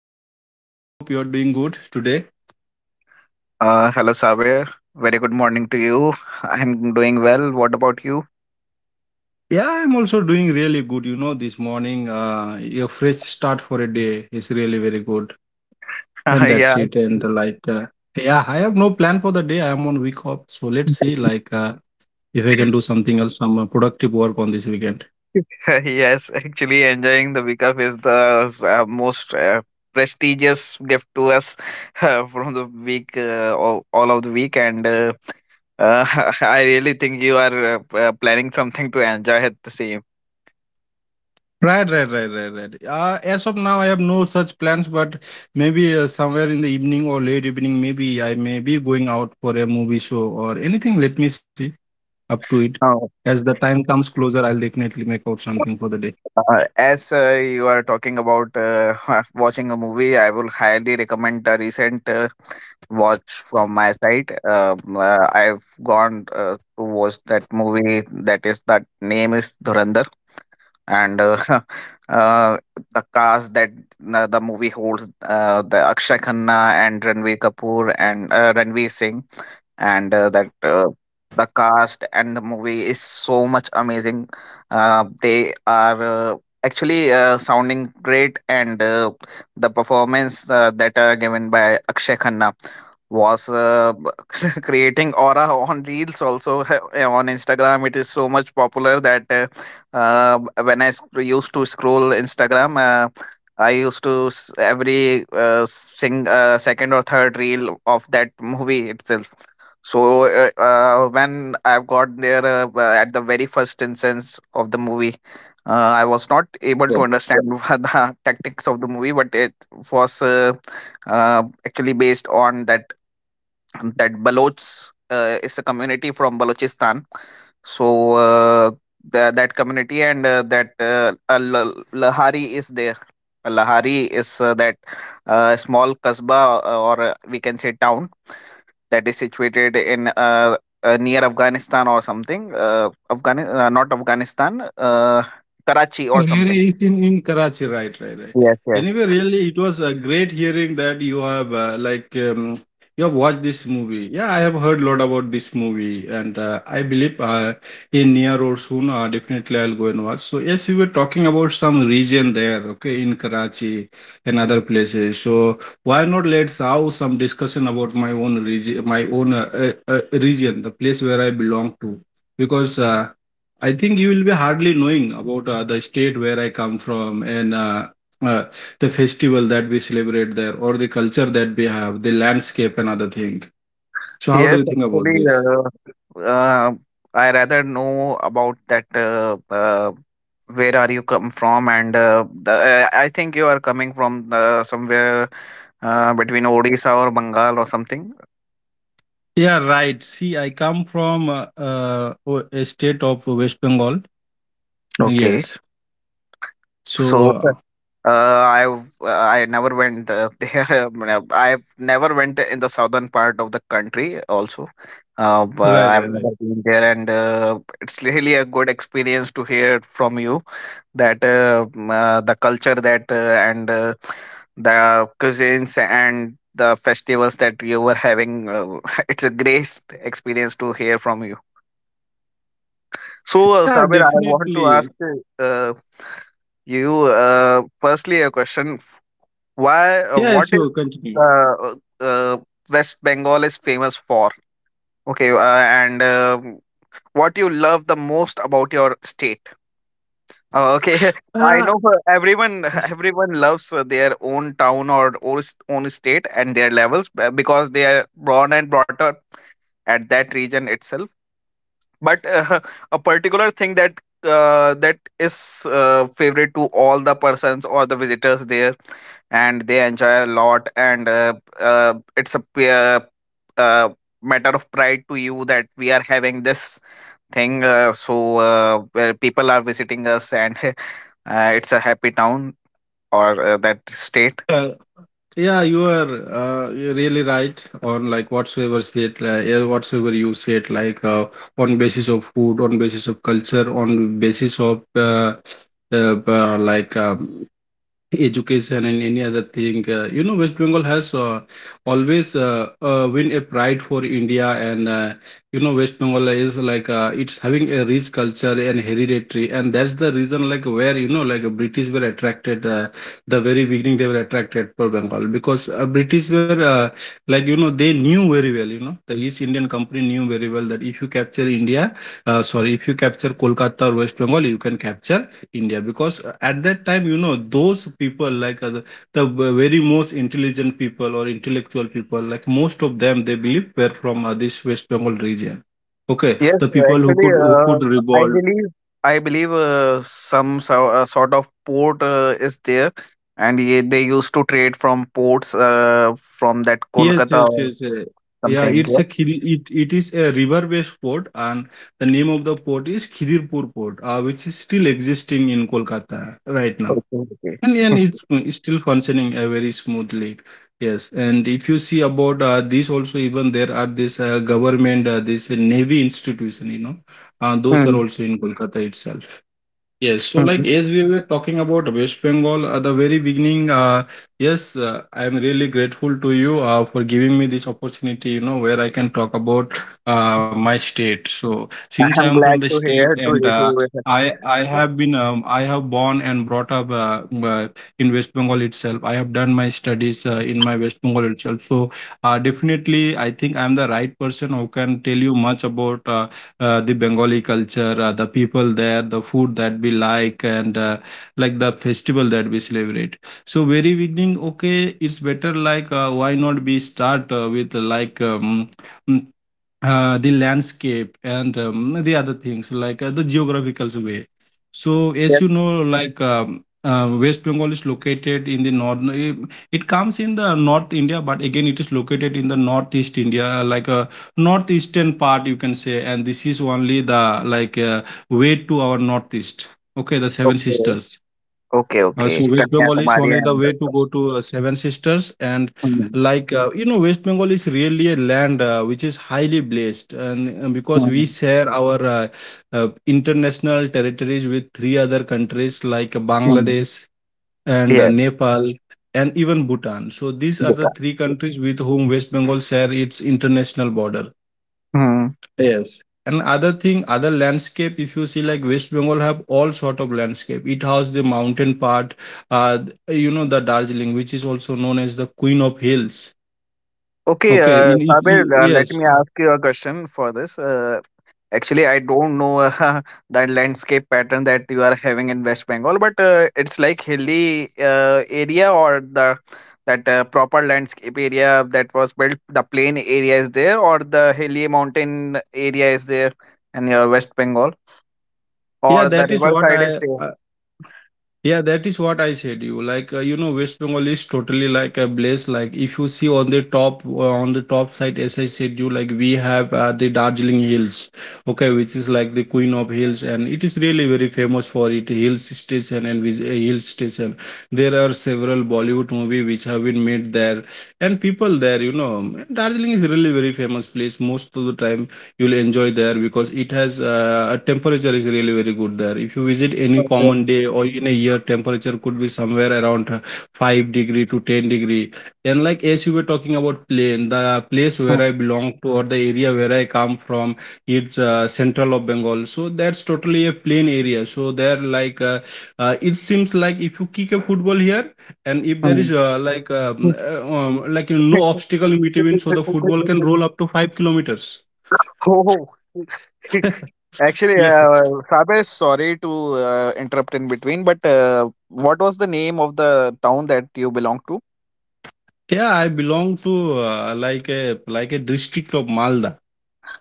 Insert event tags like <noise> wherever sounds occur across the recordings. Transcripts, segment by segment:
very good morning. I hope you're doing good today. Hello, Sabir. Very good morning to you. I'm doing well. What about you? Yeah, I'm also doing really good. You know, this morning, your fresh start for a day is really very good, <laughs> and Yeah. that's it. I have no plan for the day. I'm on week off, so let's see, if I can do something else, some productive work on this weekend. <laughs> Yes, actually, enjoying the week off is the most prestigious gift to us, <laughs> from the week, all of the week, and <laughs> I really think you are planning something to enjoy at the same. Right, right, right, right, right. As of now, I have no such plans, but maybe somewhere in the evening or late evening, maybe I may be going out for a movie show or anything. Let me see. Up to it. As the time comes closer, I'll definitely make out something for the day. As you are talking about <laughs> watching a movie, I will highly recommend the recent watch from my side. I've gone to watch that movie. That name is Dhurandhar, and <laughs> uh, the cast that the movie holds, the Akshay Khanna and Ranveer Kapoor and Ranveer Singh and that the cast and the movie is so much amazing. They are actually sounding great, and the performance that are given by Akshay Khanna was <laughs> creating aura on reels also, <laughs> on Instagram. It is so much popular that when I used to scroll Instagram, I used to every sing second or third reel of that movie itself. So when I've got there, at the very first instance of the movie, uh, I was not able Well, to understand <laughs> what the tactics of the movie, but it was actually based on that that Baloch is a community from Balochistan. So that community and Lahari is there. Lahari is that small kasba, or we can say town, that is situated in near Afghanistan or something. Afghan Not Afghanistan, Karachi or Lahore something. is in Karachi, right, right, right. Yes, yes. Anyway, really, it was a great hearing that you have you have watched this movie. Yeah, I have heard a lot about this movie, and I believe in near or soon, definitely I'll go and watch. So yes, we were talking about some region there, okay, in Karachi and other places. So why not let's have some discussion about my own region, the place where I belong to, because. I think you will be hardly knowing about the state where I come from and uh, the festival that we celebrate there or the culture that we have, the landscape and other thing. So how do Yes, you think about actually, this? uh, uh, I rather know about that. Where are you come from? And I think you are coming from somewhere between Odisha or Bengal or something. Yeah, right. See, I come from a state of West Bengal. Okay, Yes. so So uh, I've I never went <laughs> there. I've never went in the southern part of the country also. But right, I've right, right. never been there, and it's really a good experience to hear from you that the culture that and the cuisines and the festivals that you were having. <laughs> It's a great experience to hear from you. So, Yeah, Sabir, I want to definitely. ask uh, you firstly a question, why Yes, what you is continue. uh, uh, West Bengal is famous for, okay, and what you love the most about your state. Okay, <laughs> I Uh, know for everyone, <laughs> everyone loves their own town or own state and their levels, because they are born and brought up at that region itself. But <laughs> a particular thing that that is favorite to all the persons or the visitors there, and they enjoy a lot, and it's a uh, matter of pride to you that we are having this thing, so where people are visiting us, and <laughs> it's a happy town or that state. Yeah, you are you're really right on like whatsoever said, like, yeah, whatsoever you said, on basis of food, on basis of culture, on basis of uh, uh, like um, education and any other thing you know West Bengal has always win a pride for India and you know West Bengal is like it's having a rich culture and hereditary, and that's the reason like where you know like British were attracted the very beginning they were attracted for Bengal because British were they knew very well, you know, the East Indian Company knew very well that if you capture India sorry, if you capture Kolkata or West Bengal, you can capture India because at that time, you know, those people the very most intelligent people or intellectual people, like most of them, they believe were from this West Bengal region. Okay, Yes, the people actually, who could i revolt. believe I believe some, sort of port is there, and they used to trade from ports from that Yes, Kolkata yes, or yes. yes. Yeah, something, it's a yeah? It it is a river based port, and the name of the port is Khidirpur Port, which is still existing in Kolkata right now. Okay, okay. And <laughs> it's still functioning very smoothly. Yes, and if you see about this also, even there are this government this navy institution, you know, those are Hmm. also in Kolkata itself. Yes, so Hmm. like as we were talking about West Bengal at the very beginning, yes, I am really grateful to you for giving me this opportunity, you know, where I can talk about my state. So since I am I'm from the glad to state hear to and hear. I have been I have born and brought up uh, in West Bengal itself. I have done my studies in my West Bengal itself. So definitely, I think I am the right person who can tell you much about. The Bengali culture, the people there, the food that we like, and like the festival that we celebrate. So very beginning, okay, it's better why not we start with the landscape and the other things the geographical way. So as Yes, you know, West Bengal is located in the north. No, It comes in the North India, but again it is located in the Northeast India, like a northeastern part, you can say. And this is only the way to our northeast. Okay, the Seven okay. Sisters. Okay, Uh, okay. so West कन्या Bengal is तुम्हारी only the अंदर way to तो go to Seven Sisters, and hmm you know, West Bengal is really a land which is highly blessed, and because we hmm share our international territories with three other countries like hmm Bangladesh and yes Nepal and even Bhutan. So these are the बेटा three countries with whom West Bengal share its international border. Hmm. Yes. And other thing, other landscape, if you see like West Bengal have all sort of landscape. It has the mountain part, you know, the Darjeeling, which is also known as the Queen of Hills. Okay, Okay, Sabir, let yes, me ask you a question for this. Actually, I don't know <laughs> that landscape pattern that you are having in West Bengal, but it's like hilly area, or the that proper landscape area that was built. The plain area is there, or the hilly mountain area is there in your West Bengal, yeah, or the that is river what side is I, there. I yeah, that is what I said you. Like you know, West Bengal is totally like a place. Like if you see on the top side, as I said you, like we have the Darjeeling Hills, okay, which is like the queen of hills, and it is really very famous for it hill station and hill station. There are several Bollywood movie which have been made there, and people there, you know, Darjeeling is really very famous place. Most of the time you'll enjoy there because it has a temperature is really very good there. If you visit any Okay. common day or in a year, temperature could be somewhere around 5 degree to 10 degree. And like as you were talking about plain, the place where I Hmm, belong to or the area where I come from, it's central of Bengal, so that's totally a plain area. So there it seems like if you kick a football here and if there is hmm. You know, no obstacle in between, so the football can roll up to 5 kilometers. <laughs> Oh. <laughs> <laughs> Actually, Yes. Sabes, sorry to interrupt in between, but what was the name of the town that you belong to? Yeah, I belong to like a district of Malda.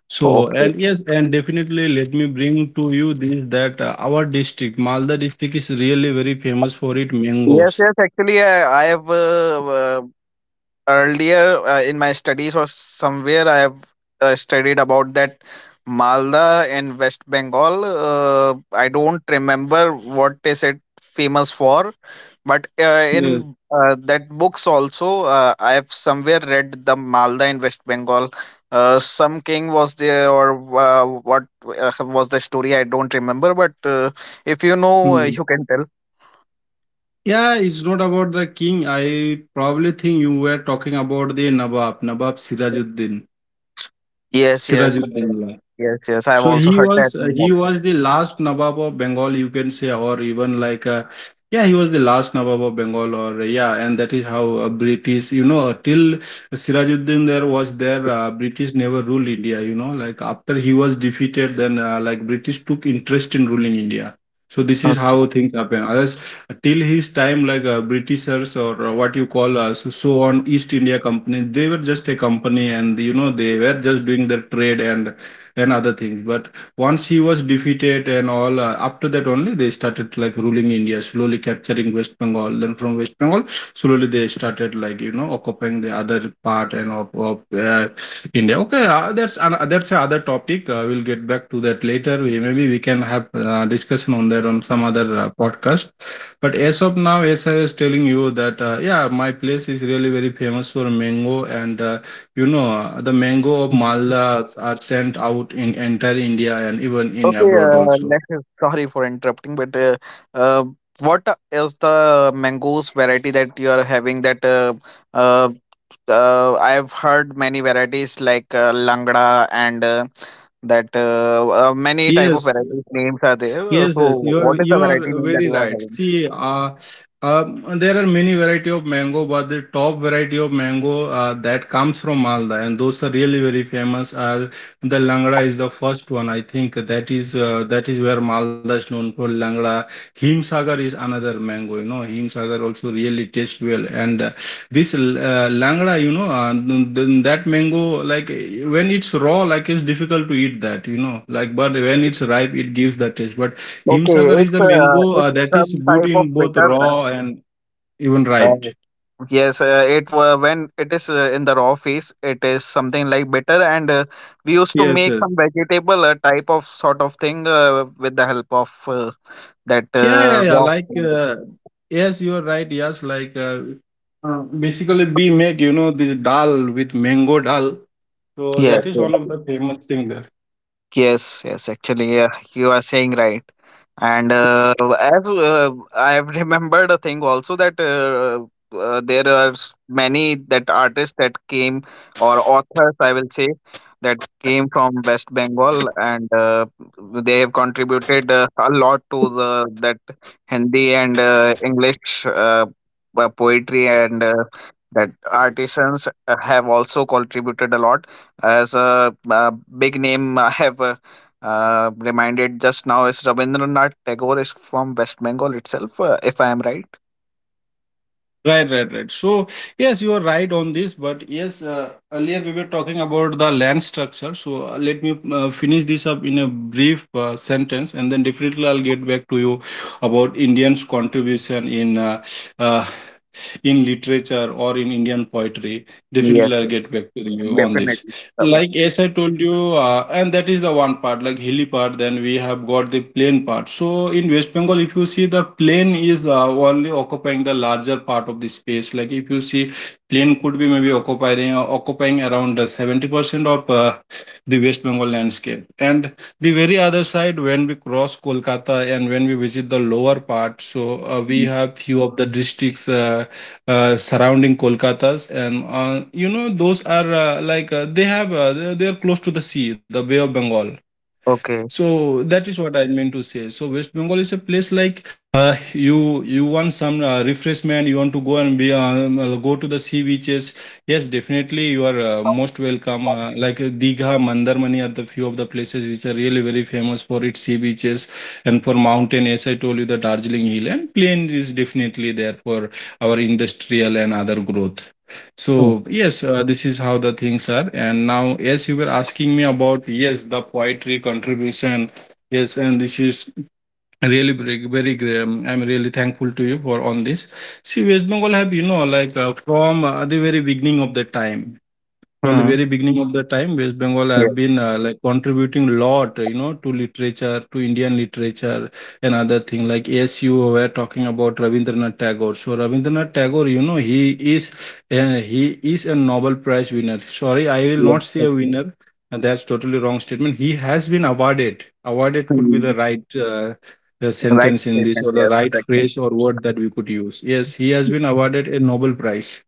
So Okay. and yes, and definitely let me bring to you this that our district, Malda district, is really very famous for it Yes, mangoes. yes. Actually, I have earlier in my studies or somewhere I have studied about that Malda and West Bengal. I don't remember what is it famous for, but Yes. in that books also I have somewhere read the Malda and West Bengal. Some king was there, or what was the story? I don't remember, but if you know, Hmm. you can tell. Yeah, it's not about the king. I probably think you were talking about the Nawab, Nawab Sirajuddin. Yes, yes, Sirajuddin. Yeah. yes, yes. I have So also heard that name he also. was the last Nawab of Bengal, you can say, or even yeah, he was the last Nawab of Bengal, or yeah, and that is how British, you know, till Sirajuddin there was there, British never ruled India, you know, like after he was defeated, then like British took interest in ruling India. So this is how things happen. Others till his time, like Britishers or what you call so, so on East India Company, they were just a company, and you know they were just doing their trade and other things, but once he was defeated and all, after that only they started like ruling India, slowly capturing West Bengal, then from West Bengal slowly they started like you know occupying the other part and of uh, India. Okay, that's another topic. We'll get back to that later. Maybe we can have discussion on that on some other podcast, but as of now, as I was telling you that yeah, my place is really very famous for mango, and you know, the mango of Okay. Maldas are sent out in entire India and even in Okay, abroad also. let us, sorry for interrupting, but uh, what is the mangoes variety that you are having? That uh, I've heard many varieties like langda and that many type of Yes, varieties names are there. Yes, So, yes, what is the you variety are name that very you are right. having? See, there are many variety of mango, but the top variety of mango that comes from Malda, and those are really very famous. Are the langra is the first one, I think. That is where Malda is known for langra. Himsagar is another mango. You know, Himsagar also really tastes well, and langra, you know, that mango like when it's raw, like it's difficult to eat that. You know, like but when it's ripe, it gives that taste, but Okay, Himsagar is it's the uh, mango it's that is some good type of in both bitter, na? raw and even Uh, ripe. Yes, it when it is in the raw phase, it is something like bitter, and we used to Yes, make yes. some vegetable type of sort of thing with the help of that Yeah, yeah, yeah. raw. Yes, you are right. Basically, we make, you know, the dal with mango dal. So Yes, that is yes. one of the famous thing there. Yes, yes, actually, yeah, you are saying right. And as I have <laughs> remembered a thing also that there are many that artists that came, or authors, I will say, that came from West Bengal, and they have contributed a lot to the that Hindi and English poetry, and that artisans have also contributed a lot. As a, big name I <laughs> have reminded just now is Rabindranath Tagore is from West Bengal itself, if I am right. Right, right, right. So, yes, you are right on this, but yes, earlier we were talking about the land structure. So, let me finish this up in a brief sentence, and then definitely I'll get back to you about Indians' contribution uh, in literature or in Indian poetry. Yes, Definitely, I'll yes, get back to you on this definitely. Baba. like as I told you, and that is the one part like hilly part, then we have got the plain part. So in West Bengal, if you see, the plain is only occupying the larger part of the space. Like if you see, plain could be maybe occupying occupying around 70% of the West Bengal landscape. And the very other side, when we cross Kolkata and when we visit the lower part, so we Mm. have few of the districts surrounding Kolkata's, and you know those are like they have they are close to the sea, the Bay of Bengal. Okay. So that is what I meant to say. So West Bengal is a place like you want some refreshment, you want to go and be go to the sea beaches. Yes, definitely you are most welcome. Like Digha, Mandarmani are the few of the places which are really very famous for its sea beaches, and for mountain, as I told you, the Darjeeling Hill. And plain is definitely there for our industrial and other growth. Hmm. So yes, this is how the things are. And now, yes, you were asking me about yes the poetry contribution. Yes, and this is really very, very, I'm really thankful to you for on this. See, West Bengal have, you know, like from the very beginning of the time. From the Hmm. very beginning of the time, West Bengal have Yes, been like contributing a lot, you know, to literature, to Indian literature, and other thing. Like yes, you were talking about Rabindranath Tagore. So Rabindranath Tagore, you know, is he is a Nobel Prize winner. Sorry, I will yes, not say a yes. winner, and that's totally wrong statement. He has been awarded. Awarded could be the Mm. right Right sentence in this, statement, or the yes, right actually. phrase or word that we could use. Yes, he has been awarded a Nobel Prize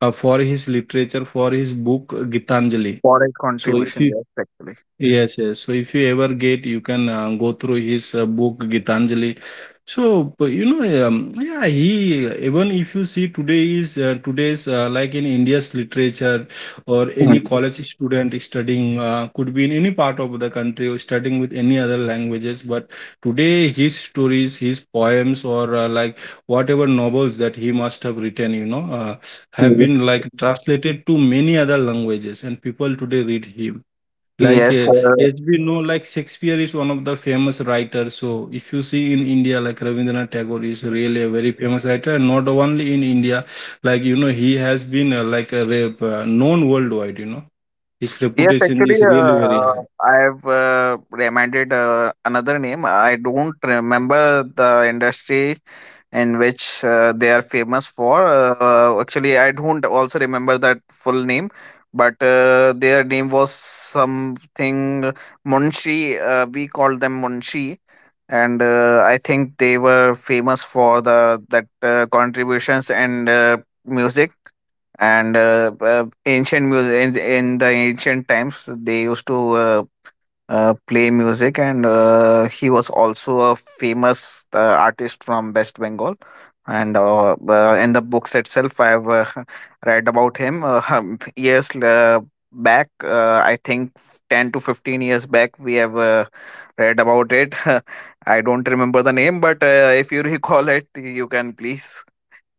for his literature, for his book Gitanjali. Foreign So if contribution, you yes, actually. Yes, yes. So if you ever get, you can go through his book Gitanjali. So but you know, yeah, he even if you see today's like in India's literature or any Mm. college student studying could be in any part of the country or studying with any other languages. But today, his stories, his poems, or like whatever novels that he must have written, you know, have Yes. been like translated to many other languages, and people today read him like Yes. Uh, as we know, like Shakespeare is one of the famous writers. So if you see in India, like Rabindranath Tagore is really a very famous writer, and not only in India, like you know, he has been known worldwide. You know, his Yes, reputation actually, is really very high. I have reminded another name. I don't remember the industry in which they are famous for. Actually, I don't also remember that full name, but their name was something Munshi. We called them Munshi, and I think they were famous for the that contributions and music, and ancient music. In the ancient times they used to play music, and he was also a famous artist from West Bengal. And in the books itself I've <laughs> read about him, <laughs> years back. I think 10 to 15 years back we have read about it. <laughs> I don't remember the name, but if you <laughs> recall it, you can please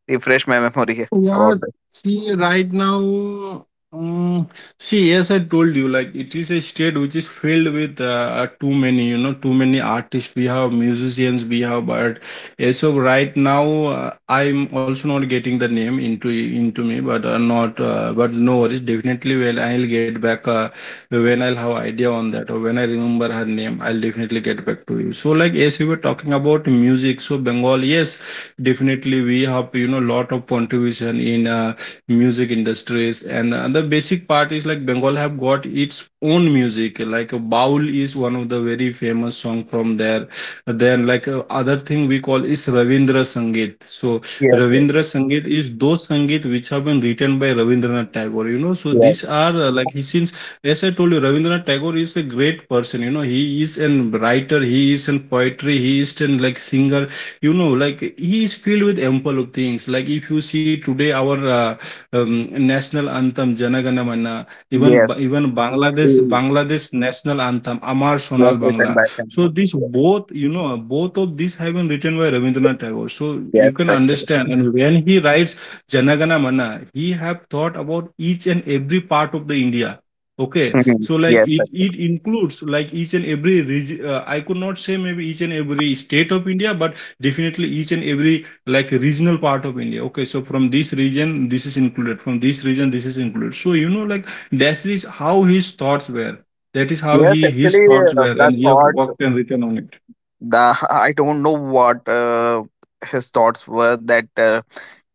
refresh my memory about Yeah, that. see, right now, um, see, as I told you, like it is a state which is filled with too many, you know, too many artists we have, musicians we have, but as of right now, I'm also not getting the name into me, but not, but no worries, definitely well, I'll get back, when I'll have idea on that or when I remember her name, I'll definitely get back to you. So, like as we were talking about music, so Bengal, yes, definitely we have, you know, lot of contribution in music industries. And the basic part is like Bengal have got its own music. Like Baul is one of the very famous song from there. Then like other thing we call is Ravindra Sangeet. So Yes, Ravindra Sangeet is those sangeet which have been written by ravindranath tagore, you know. So yes. these are like he, since as I told you, Ravindranath Tagore is a great person. You know, he is a writer, he is a poetry, he is a like singer, you know, like he is filled with ample of things. Like if you see today our um, national anthem Janagana Mana, even Yes, Ba- even Bangladesh, mm, Bangladesh national anthem Amar yes, Sonal yes, and Bangla. by time So motive. this, Yes, both, you know, both of these have been written by Rabindranath Tagore. So yes, you can actually. understand. And when he writes Janagana Mana, he have thought about each and every part of the India. Okay, Mhm. so like Yes, it actually. it includes like each and every region. I could not say maybe each and every state of India, but definitely each and every like regional part of India. Okay, so from this region this is included, from this region this is included. So you know, like that is how his thoughts were. That is how Yes, he, actually, his thoughts were, that and he have thought. worked and written on it. The I don't know what his thoughts were that uh,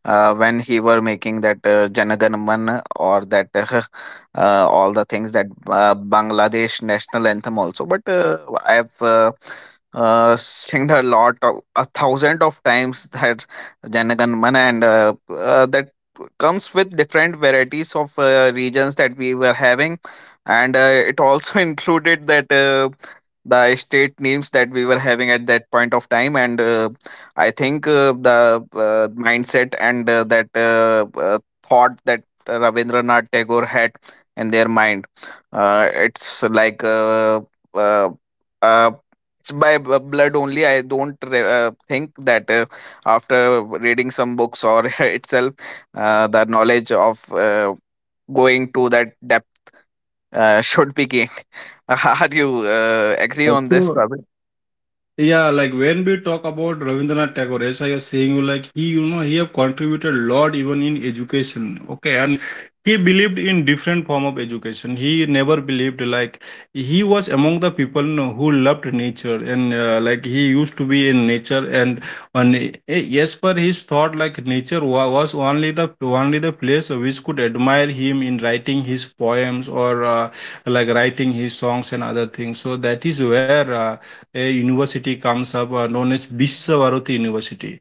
uh, when he were making that Janaganman, or that <laughs> all the things that Bangladesh national anthem also. But I've sing a lot of a thousand of times that Janaganman, and that comes with different varieties of regions that we were having. And it also <laughs> included that the state names that we were having at that point of time. And I think the mindset and that thought that Ravindranath Tagore had in their mind, it's like uh, uh, it's by blood only. I don't think that after reading some books or <laughs> itself, the knowledge of going to that depth <laughs> should be gained. <laughs> Are you agree Uh, on this, so Ravi? Yeah, like when we talk about Rabindranath Tagore, as I was saying, like he, you know, he have contributed a lot even in education. Okay, and he believed in different form of education. He never believed like he was among the people, you know, who loved nature. And like he used to be in nature. And on, yes, per his thought, like nature was only the place which could admire him in writing his poems, or like writing his songs and other things. So that is where. A university comes up known as Biswavaroti University.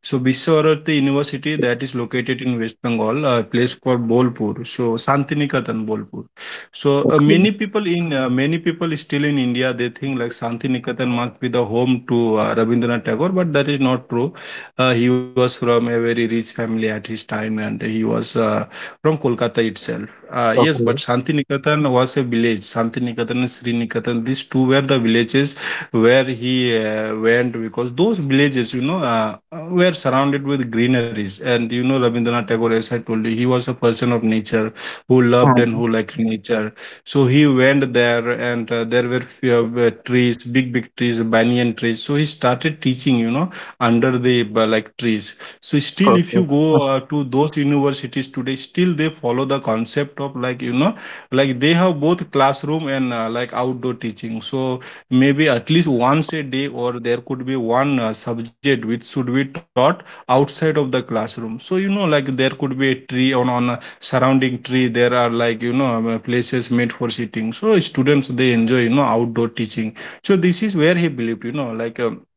So Biswavaroti University that is located in West Bengal, a place called Bolpur. So Santiniketan Bolpur. So Okay. Many people still in India, they think like Santiniketan must be the home to Rabindranath Tagore, but that is not true. He was from a very rich family at his time, and he was from Kolkata itself. Yes, but Okay. Santiniketan was a village. Santiniketan and Sriniketan, these two were the villages where he went, because those villages, you know, were surrounded with greeneries. And you know, Rabindranath Tagore, as I told you, he was a person of nature who loved and Mm, who liked nature. So he went there, and there were few, trees, big big trees, banyan trees. So he started teaching, you know, under the like trees. So still if you perfect. go to those universities today, still they follow the concept of like, you know, like they have both classroom and like outdoor teaching. So maybe at least once a day, or there could be one subject which should be taught outside of the classroom. So you know, like there could be a tree, on a surrounding tree there are, like you know, places made for sitting, so students they enjoy, you know, outdoor teaching. So this is where he believed, you know, like,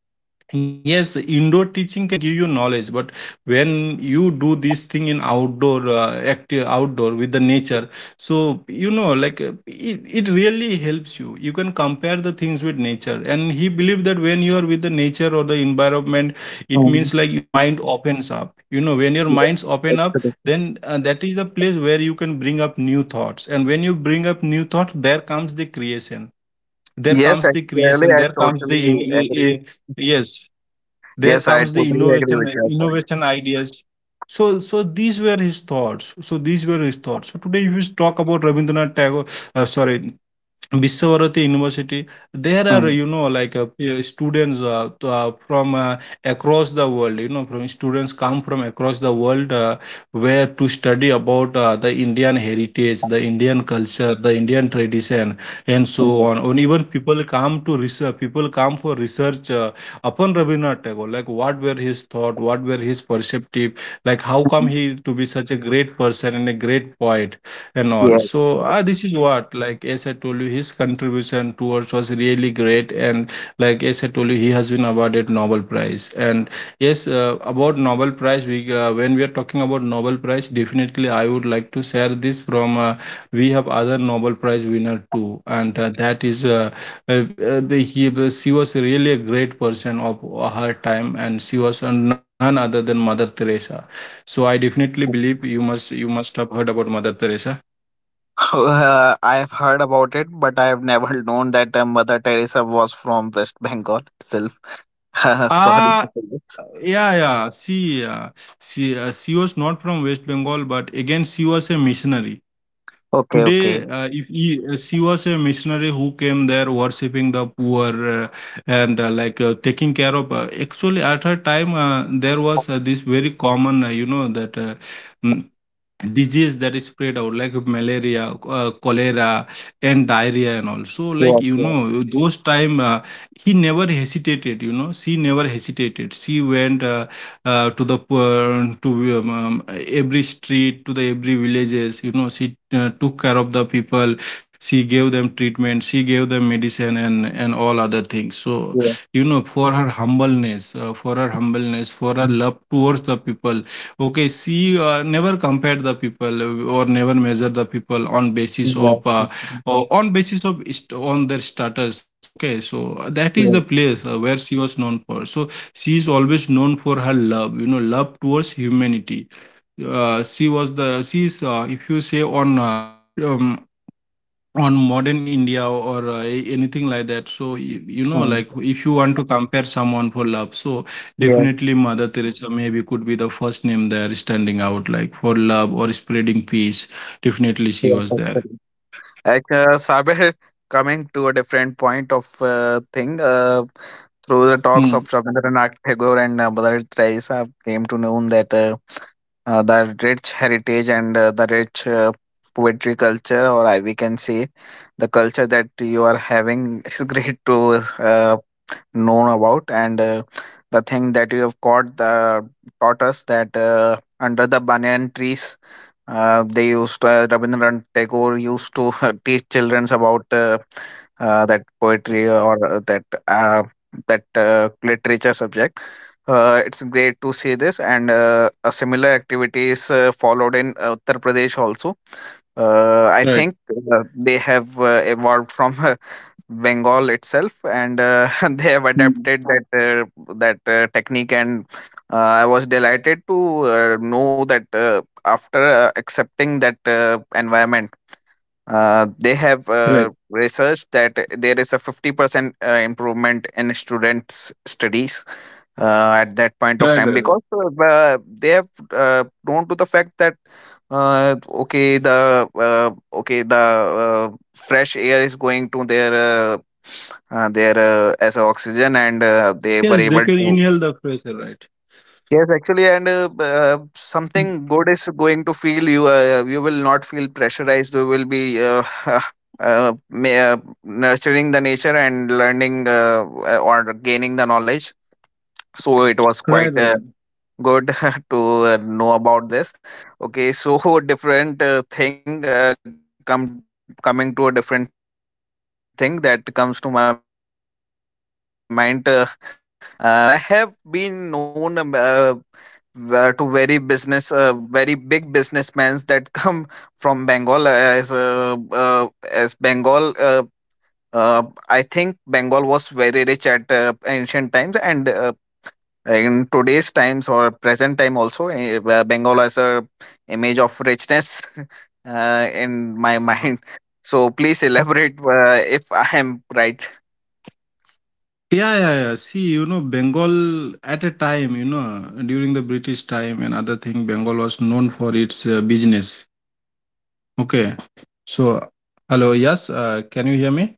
yes, indoor teaching can give you knowledge, but when you do this thing in outdoor, active outdoor with the nature, so you know, like it really helps you. You can compare the things with nature, and he believed that when you are with the nature or the environment, it means <laughs> like your mind opens up. You know, when your minds open up, Actually. then that is the place where you can bring up new thoughts. And when you bring up new thought, there comes the creation. There Yes, comes the actually, creation. I There comes the totally agree. Yes, there Yes, I comes the totally agree innovation, with your point. innovation ideas. So these were his thoughts. So these were his thoughts. So today if we talk about Rabindranath Tagore, sorry, Viswavarathi University. There are, Mm. you know, like students from across the world. You know, from students come from across the world where to study about the Indian heritage, the Indian culture, the Indian tradition, and so Mm. on. And even people come to research. People come for research upon Rabindranath Tagore. Like what were his thought? What were his perceptive? Like how come he to be such a great person and a great poet? And all. Yes. So this is what, like as I told you, his contribution towards was really great. And like as I told you, he has been awarded Nobel Prize. And yes, about Nobel Prize, we when we are talking about Nobel Prize, definitely I would like to share this from we have other Nobel Prize winner too. And that is he, she was really a great person of her time, and she was none other than Mother Teresa. So I definitely believe you must, you must have heard about Mother Teresa. <laughs> I've heard about it, but I have never known that Mother Teresa was from West Bengal itself. <laughs> Sorry. To Ah, say this. yeah, yeah. See, she was not from West Bengal, but again, she was a missionary. So Okay, today, okay. If he, she was a missionary who came there worshipping the poor, and, like, taking care of. Actually, at her time, there was this very common, mm, disease that is spread out like malaria, cholera and diarrhea and all. So, like, Yes, yes, those time, he never hesitated. You know she never hesitated. She went, uh, to the poor- to every street, to the every villages, you know she took care of the people. She gave them treatment. She gave them medicine and all other things. So, yes, for her humbleness, for her love towards the people. Okay, she never compared the people, or never measure the people on basis yes, of, on their status. Okay, so that is the yes, place where she was known for. So she is always known for her love, love towards humanity. Uh, she was the she is, if you say on, um, on modern India or anything like that. So, mm, like, if you want to compare someone for love, so yes, definitely Mother Teresa maybe could be the first name there standing out, like for love or spreading peace. Definitely she yes, was there. actually. Like, Sabir, coming to a different point of thing. Through the talks of Hmm. Rabindranath Tagore and Badarit Raisa, came to know that the rich heritage and the rich poetry culture, or I, we can say, the culture that you are having, <laughs> is great to uh, know about. And the thing that you have caught the, taught us that under the banyan trees, they used Rabindranath Tagore used to <laughs> teach childrens about that poetry or that literature subject. It's great to see this, and a similar activity is followed in Uttar Pradesh also. I think Right. They have evolved from <laughs> Bengal itself, and <laughs> they have Hmm. adapted that technique. And I was delighted to know that after accepting that environment, they have Right. Researched that there is a 50% improvement in students' studies at that point of Right. Right. time, Right. because they have known to the fact that okay, the fresh air is going to their as a oxygen, and they were Yes, able they can to. inhale the pressure, right? Yes actually, and something Mm. good is going to feel you. You will not feel pressurized, you will be <laughs> uh, may, uh, nurturing the nature and learning or gaining the knowledge. So it was quite Right. Right. Right. good <laughs> to know about this. Okay, so <laughs> different thing, come coming to a different thing that comes to my mind, <laughs> by the name of West Bengal. Uh, okay uh, I have been known to very big businessmen that <laughs> come from Bengal as Bengal uh, I think Bengal was very rich at ancient times, and in today's times or present time also, Bengal as a image of richness, <laughs> in my <laughs> Mm. mind. So please elaborate if I am right. Yeah, yeah, yeah. See, Bengal at a time, during the British time and other thing, Bengal was known for its business. Okay. So, hello, yes, can you hear me?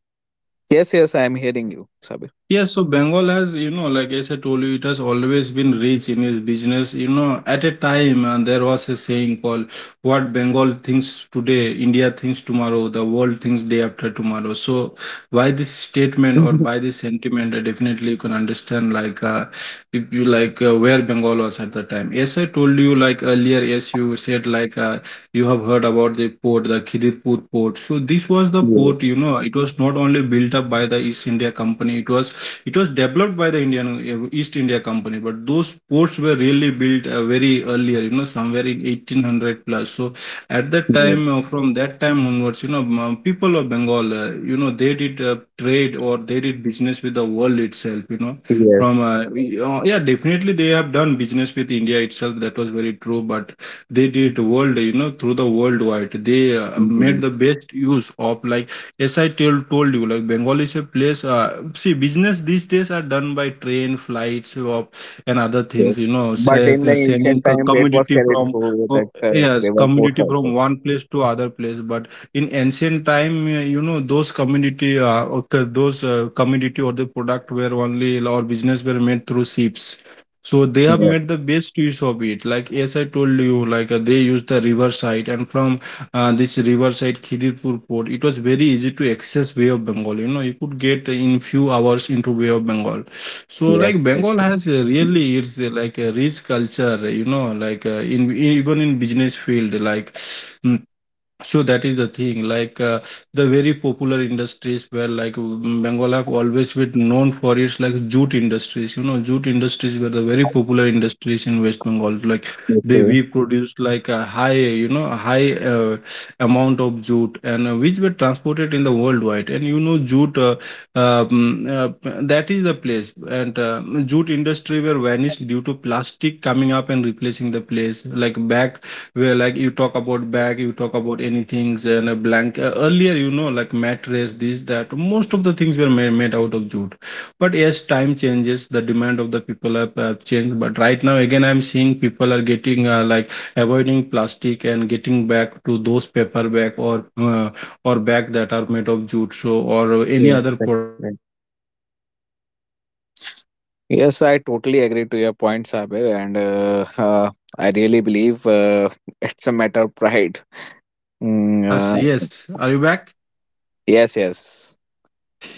Yes, yes, I am hearing you, Sabir. <laughs> Yes, so Bengal has, like, as I told you, it has always been rich in its business. At a time, there was a saying called what Bengal thinks today, India thinks tomorrow, the world thinks day after tomorrow. So, by this statement or by this sentiment, definitely you can understand, like, if you like, where Bengal was at the time. Yes, I told you, like, earlier, yes, you said, like, you have heard about the port, the Khidirpur port. So, this was the Yes, port, it was not only built up by the East India Company, it was developed by the Indian, East India Company, but those ports were really built very earlier, somewhere in 1800 plus. So at that yes, time, from that time onwards, people of Bengal, they did trade or they did business with the world itself. yes, Yeah, definitely they have done business with India itself. That was very true, but they did world, through the worldwide. They made yes, the best use of, like, as I told you, like, Bengal is a place. See, business these days are done by train, flights, and other yes. things. You know, But say, in the sending ancient time, it was commodity carried from, through that oh, yes, river ports commodity also. from one place to other place. But in ancient time, those commodity, or those commodity or the product were only or business were made through ships. So they have made the best use of it. Like, as I told you, like, they use the river side and from, this riverside Khidirpur port, it was very easy to access Bay of Bengal. You could get in few hours into Bay of Bengal. So, like, Bengal has a really it's a, like, a rich culture. Like, in even in business field, like. mm, so that is the thing, like, the very popular industries where, like, Bengal have always been known for its, like, jute industries. Jute industries were the very popular industries in West Bengal. Like, they we produced like a high, amount of jute and, which were transported in the worldwide. And that is the place. And jute industry were vanished due to plastic coming up and replacing the place. Like back where, like, you talk about bag, you talk about anything and a blanket earlier, like mattress, this that most of the things were made, out of jute, but as time changes the demand of the people have changed, but right now again, I'm seeing people are getting, like, avoiding plastic and getting back to those paper bag or bag that are made of jute, so or any Yes, other right, product you right. know that can be used from the nature. Yes, I totally agree to your point, Sabir, and I Uh, really yes, believe I think, <laughs> it's you a must matter be of having pride. some network issue. Uh, Mm. yes, yes. Are you back? Yes, yes.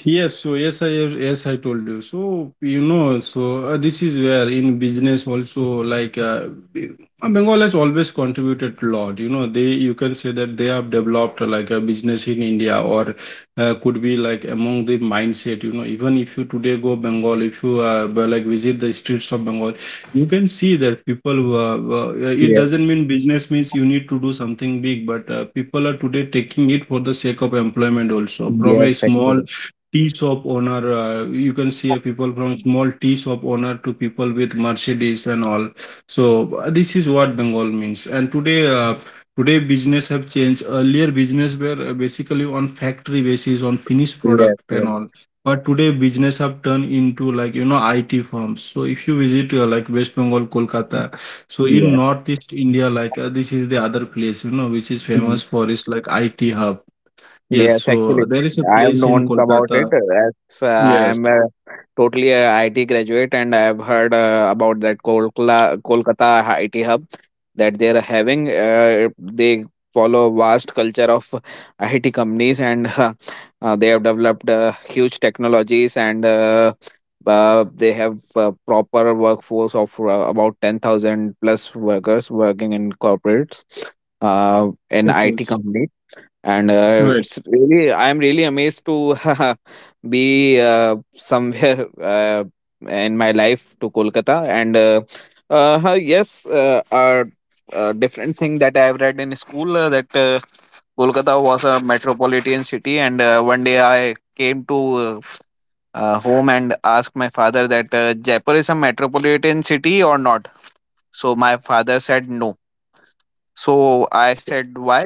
Yes, so yes, I, yes, I told you. So so this is where in business also, like, B- Bengal has always contributed a lot. You can say that they have developed, like, a business in India or, could be like among the mindset. Even if you today go Bengal, if you, like, visit the streets of Bengal, you can see that people. It Yes, doesn't mean business means you need to do something big, but people are today taking it for the sake of employment also from a yes, small actually. tea shop owner, you can see a people from small tea shop owner to people with Mercedes and all. So this is what Bengal means. And today, today business have changed. Earlier business were, basically on factory basis, on finished Yes, product and yes, all, but today business have turned into, like, IT firms. So if you visit, like, West Bengal, Kolkata, so in yes. Northeast India, like, this is the other place, which is Mm. famous for is, like, IT hub. Yes, Yes, actually, so there is a I have place in known about Kolkata. it as I am Yes, a totally a IIT graduate, and I have heard about that Kolkata, IIT hub that they are having. They follow vast culture of IT companies, and <laughs> they have developed huge technologies, and they have proper workforce of about 10,000 plus workers working in corporates in yes, IT yes. companies, and Right. it's really I'm really amazed to <laughs> be somewhere <laughs> in my life to Kolkata. And yes, a different thing that I have read in school that Kolkata was a metropolitan city. And one day I came to home and asked my father that Jaipur is a metropolitan city or not. So my father said no. So I said why.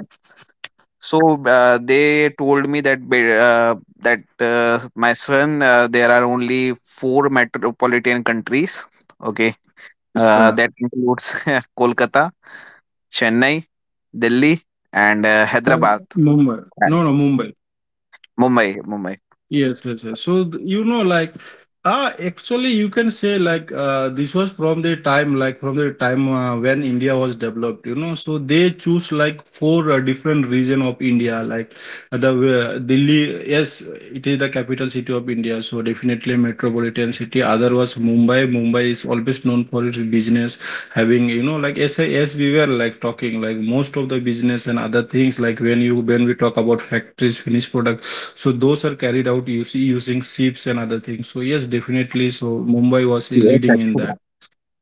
So they told me that my son, there are only four metropolitan countries. Okay, It's, that includes <laughs> Kolkata, Chennai, Delhi, and uh, Hyderabad, Mumbai. and No, no, Mumbai. Mumbai, Mumbai. Yes, yes, yes. So like, actually, you can say like, this was from the time, like from the time, when India was developed. So they choose like four, different region of India, like, the Delhi. Yes, it is the capital city of India, so definitely metropolitan city. Other was Mumbai. Mumbai is always known for its business having, like, as we were, like, talking, like, most of the business and other things, like, when we talk about factories, finished products, so those are carried out using ships and other things. So yes, definitely so Mumbai was Yes, leading in actually. that.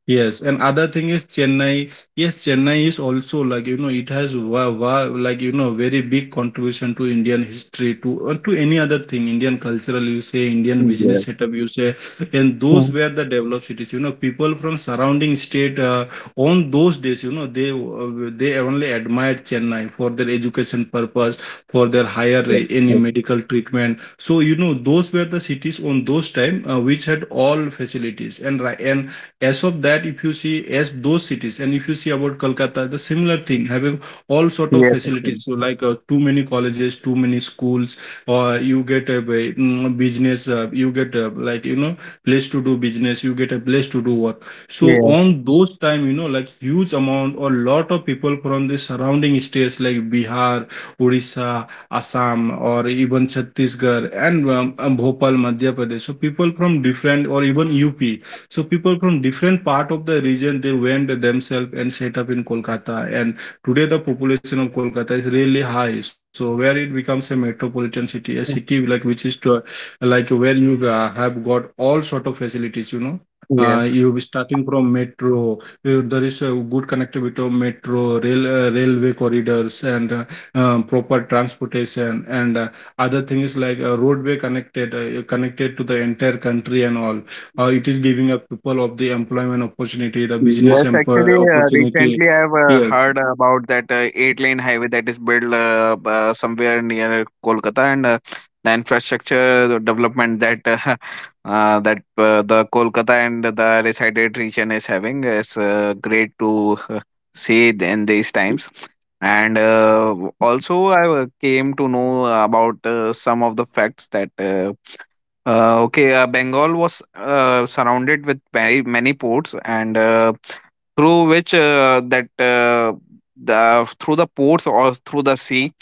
Yes, and other thing is Chennai. Yes, Chennai is also, like, it has like, very big contribution to Indian history, to, any other thing, Indian cultural you say, Indian Yes. business setup you say, and Mm. those were the developed cities, people from surrounding state, on those days, they only admired Chennai for their education purpose, for their higher, Yes. Yes. any medical treatment. So those were the cities on those time, which had all facilities and as of that, if you see as those cities and if you see about Kolkata, the similar thing having all sort of Yes. facilities, so, like, too many colleges, too many schools or you get a business, you get a, like, place to do business, you get a place to do work. So Yes. on those time, like, huge amount or lot of people from the surrounding states, like Bihar, Odisha, Assam or even Chhattisgarh and Bhopal, Madhya Pradesh. So people from different or even UP, so people from different part of the region, they went themselves and set up in Kolkata. And today the population of Kolkata is really high. So where it becomes a metropolitan city, a city like which is to, like where you, have got all sort of facilities. You know. Uh, Yes. you be starting from metro. There is a good connectivity of metro, rail, railway corridors, and proper transportation. And other thing is, like, roadway connected, connected to the entire country and all. It is giving a people of the employment opportunity, the business Yes, employ actually, opportunity. recently I've Yes. heard about that eight-lane highway that is built somewhere near Kolkata, and the infrastructure, the development that <laughs> that the Kolkata and the resided region is having is great to see it in these times. And also, I came to know about some of the facts that. Okay, Bengal was surrounded with very many ports, and through which that the through the ports or through the sea,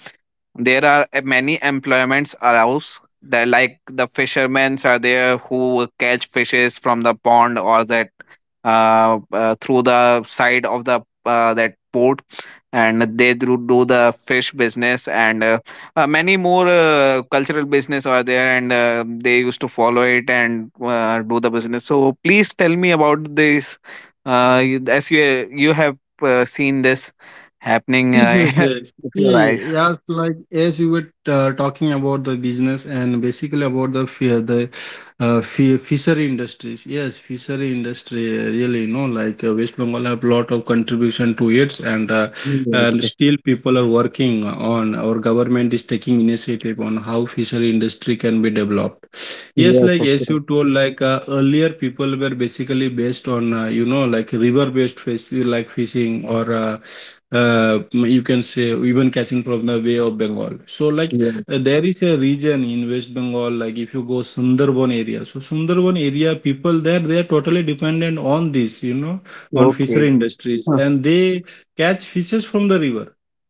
there are many employments arouse. They're like the fishermen are there who catch fishes from the pond or that through the side of the that port, and they do the fish business, and many more cultural business are there, and they used to follow it and do the business. So please tell me about this, as you have seen this happening Yes, yes, yes. <laughs> with your See, eyes. yes, like, as you were, talking about the business and basically about the fear, the fishery industries. Yes, fishery industry really, you know, like West Bengal have lot of contribution to it, and Yes, still people are working on our government is taking initiative on how fishery industry can be developed. Yes, yes, like as you actually, told, like earlier people were basically based on you know, like river based fish, like fishing, or you can say, even catching from the way of Bengal. So like yes. There is a region in West Bengal. Like if you go Sundarban area, so Sundarban area, people there, they are totally dependent on this, you know, on fishery Okay. industries, Huh. and they catch fishes from the river.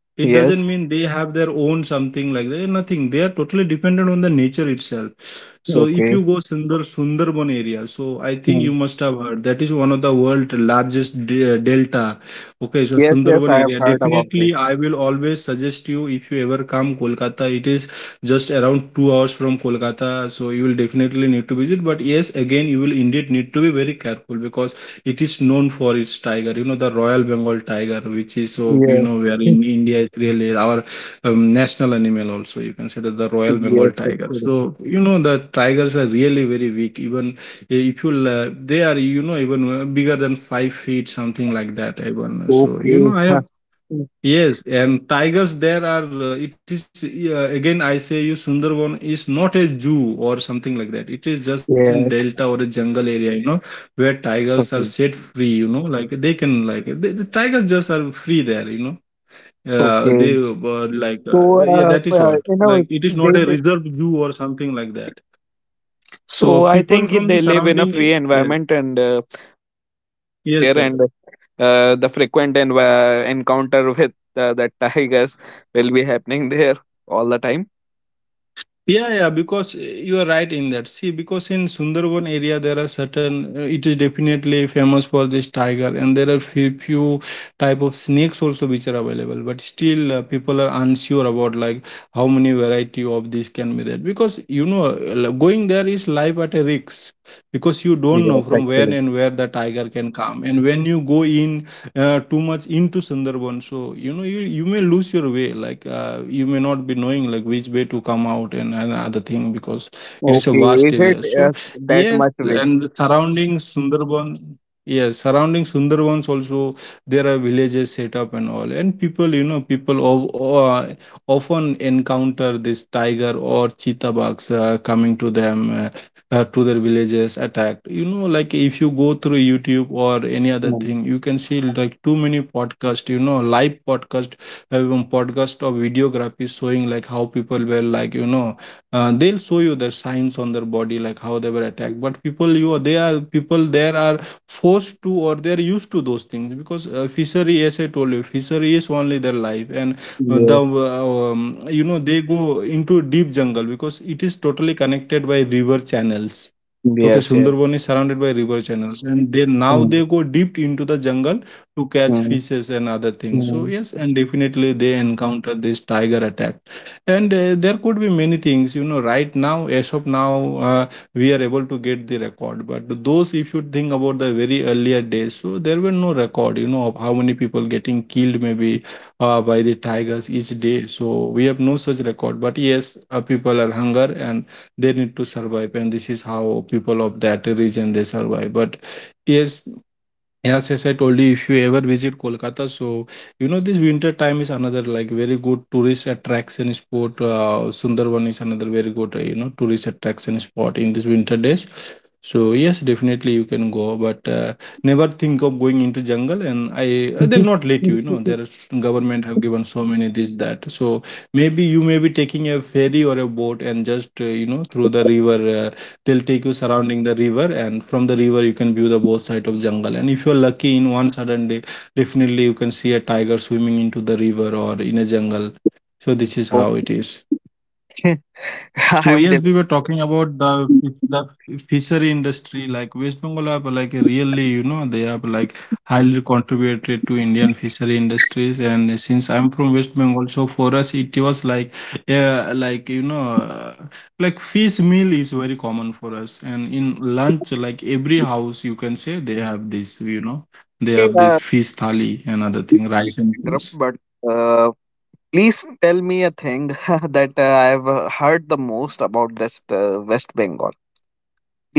It doesn't Yes. mean they have their own something like that. Nothing. They are totally dependent on the nature itself. So if you Okay. go Sundarban area, so I think you Hmm. must have heard that is one of the world largest delta. Okay, so Yes, yes, Sundarban I have area. heard about Definitely, it. I will always suggest you if you ever come Kolkata. It is just around 2 hours from Kolkata, so you will definitely need to visit. But yes, again, you will indeed need to be very careful, because it is known for its tiger, you know, the royal Bengal tiger, which is so, you know, Yes. where in <laughs> India is really our national animal, also you can say that, the royal Bengal Yes, tiger. actually. So you know the tigers are really very weak, even if you they are, you know, even bigger than 5 feet something like that, even, so you Okay. know I Huh. have. Yes, and tigers there are, it is, again, I say you, Sundarban is not a zoo or something like that. It is just Yes, in delta or a jungle area, you know, where tigers are okay. set free, you know, like they can, like, the tigers just are free there, you know. Okay. They like, So, yeah, that is what. Like, it is they. not li- a reserved zoo or something like that. So, I So, think people they from the live in a surrounding, free environment, yes, and they roam <laughs> here and there, yes, and sir. The frequent encounter with the tigers <laughs> will be happening there all the time. Yeah, yeah, because you are right in that. See, because in Sundarban area there are certain, it is definitely famous for this tiger, and there are few type of snakes also which are available. But still, people are unsure about like how many variety of this can be there, because you know going there is life at a risk, because you don't Yes, know from where actually. and where the tiger can come, and when you go in too much into Sundarban. So you know you may lose your way. Like you may not be knowing like which way to come out and other thing, because it is a Okay, vast is it area. So that yes, much big? and surrounding Sundarban. Yes, surrounding Sundarbans also there are villages set up and all, and people, you know, people of often encounter this tiger or cheetah bugs coming to them, to their villages attacked. You know, like if you go through YouTube or any other Hmm. thing, you can see like too many podcast, you know, live podcast podcast or videography showing like how people were, like, you know, they'll show you the signs on their body like how they were attacked. But people you they are people there are forced to, or they're used to those things, because fishery, as I told you, fishery is only their life, and the Yes, you know, they go into deep jungle, because it is totally connected by river channels. Okay, yes, yes. Sundarban is surrounded by river channels, and they now they Hmm. go deep into the jungle to catch Hmm. fishes and other things. So Hmm. yes, and definitely they encounter this tiger attack, and there could be many things. You know, right now as of now, uh, we are able to get the record, but those, if you think about the very earlier days, so there were no record, you know, of how many people getting killed, maybe by the tigers each day. So we have no such record. But yes, people are hunger, and they need to survive, and this is how people of that region they survive. But yes. Yes, yes, I told you, if you ever visit Kolkata, so you know this winter time is another like very good tourist attraction spot. Sundarban is another very good, you know, tourist attraction spot in this winter days. So yes, definitely you can go, but never think of going into jungle. And I, they'll not let you. You know <laughs> there is government have given so many this that. So maybe you may be taking a ferry or a boat and just you know, through the river uh, they'll take you surrounding the river, and from the river you can view the both side of jungle. And if you're lucky, in one sudden day definitely you can see a tiger swimming into the river or in a jungle. So this is how Okay, it is. <laughs> So I'm yes, delighted. we were talking about the fishery industry. Like West Bengal have like really, you know, they have like highly contributed to Indian fishery industries. And since I'm from West Bengal, so for us it was like you know, like fish meal is very common for us. And in lunch, like every house, you can say they have this, you know, they have uh, this fish thali and other thing, rice and Interrupt, fish. but uh, please tell me a thing <laughs> that I've heard the most about this West Bengal.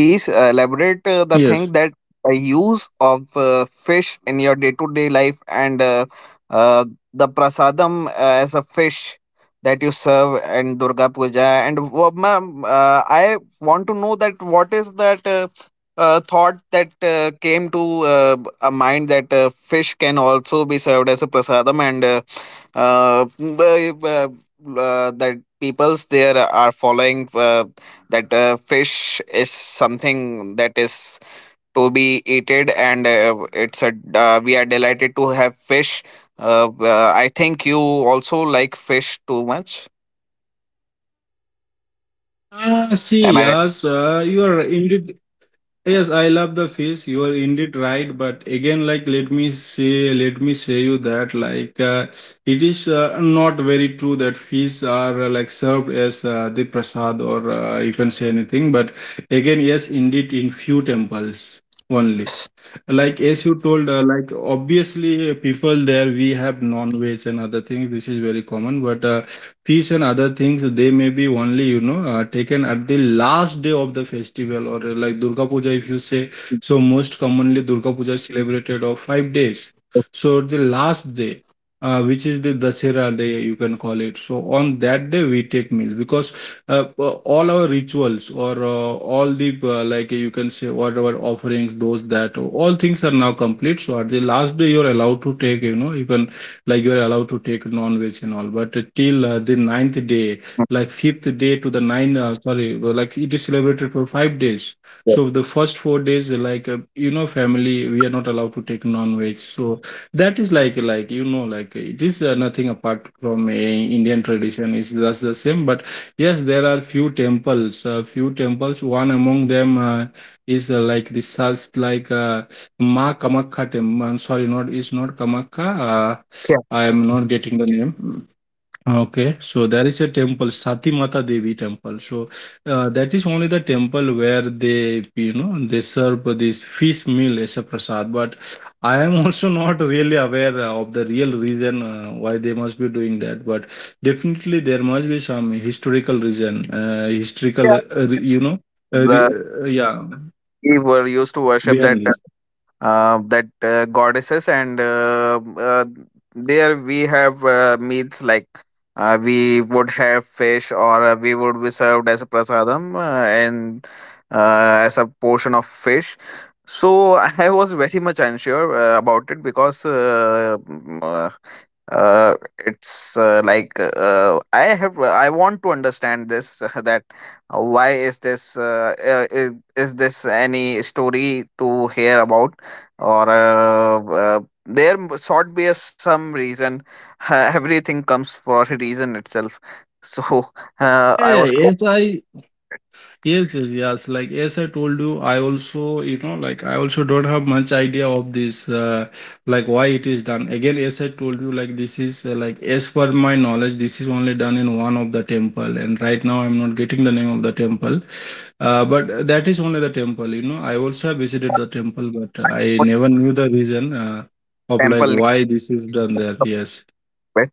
Please elaborate the thing Yes. that use of fish in your day-to-day life, and uh, the prasadam as a fish that you serve in Durga Puja. And ma'am, I want to know that what is that thought that came to a mind, that fish can also be served as a prasadam, and uh, b- b- that peoples there are following that fish is something that is to be eaten, and it's a we are delighted to have fish. I think you also like fish too much. Ah, Am I right? see, yes, you are indeed. Yes, I love the fish. You are indeed right. But again, like, let me say, you that, like it is not very true that fish are like served as the prasad, or you can say anything. But again, yes, indeed, in few temples only, like as you told, like obviously people there we have non-veg and other things, this is very common. But fish and other things they may be only, you know, taken at the last day of the festival, or like Durga Puja if you say. So most commonly Durga Puja is celebrated of 5 days. So the last day, which is the Dasera day, you can call it. So on that day we take meal, because uh, uh, all our rituals, or all the, like you can say, whatever offerings, those, that all things are now complete. So at the last day you're allowed to take, you know, you can, like, you're allowed to take non-veg and all. But till the ninth day, like fifth day to the nine, sorry, like it is celebrated for 5 days. So the first 4 days, like you know, family we are not allowed to take non-veg. So that is like you know, like it is, nothing apart from a Indian tradition, it's just the same. But yes, there are few temples. Few temples. One among them is like this, Ma Kamakha temple. Sorry, not, it's not Kamakha. Yeah, I am not getting the name. Okay, so there is a temple, Sati Mata Devi temple. So that is only the temple where they, you know, they serve this fish meal as a prasad. But I am also <laughs> not really aware of the real reason why they must be doing that. But definitely there must be some historical reason, historical, yeah, you know, uh, re- the yeah, we were used to worship behind that this. Goddesses and there we have meals, like we would have fish, or we would be served as a prasadam, and as a portion of fish. So <laughs> I was very much unsure about it, because uh it's like I want to understand this <laughs> that why is this is this any story to hear about, or there sort be a some reason. <laughs> Everything comes for a reason itself. <laughs> So Yeah, I yeah, was close yes, I. Yes, yes, yes. Like as I told you, I also, you know, like I also don't have much idea of this, like why it is done. Again, as I told you, like this is, like as per my knowledge, this is only done in one of the temple, and right now I'm not getting the name of the temple. But that is only the temple, you know. I also have visited the temple, but I to never knew the reason, of like temple why this is done there. Yes. nearby.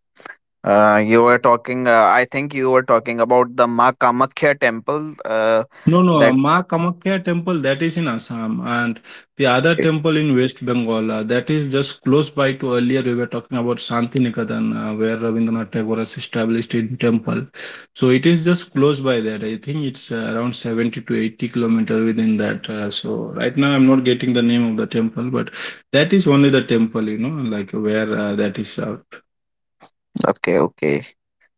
You were talking about the Ma Kamakhya temple, No, no, that. Ma Kamakhya temple, that is in Assam, and the other temple in West Bengal, that is just close by to, earlier we were talking about Shantiniketan, where Rabindranath Tagore has established his temple. So it is just close by that. I think it's around 70 to 80 kilometer within that. So right now I'm not getting the name of the temple, but that is only the temple, you know, like where that is. Okay, okay,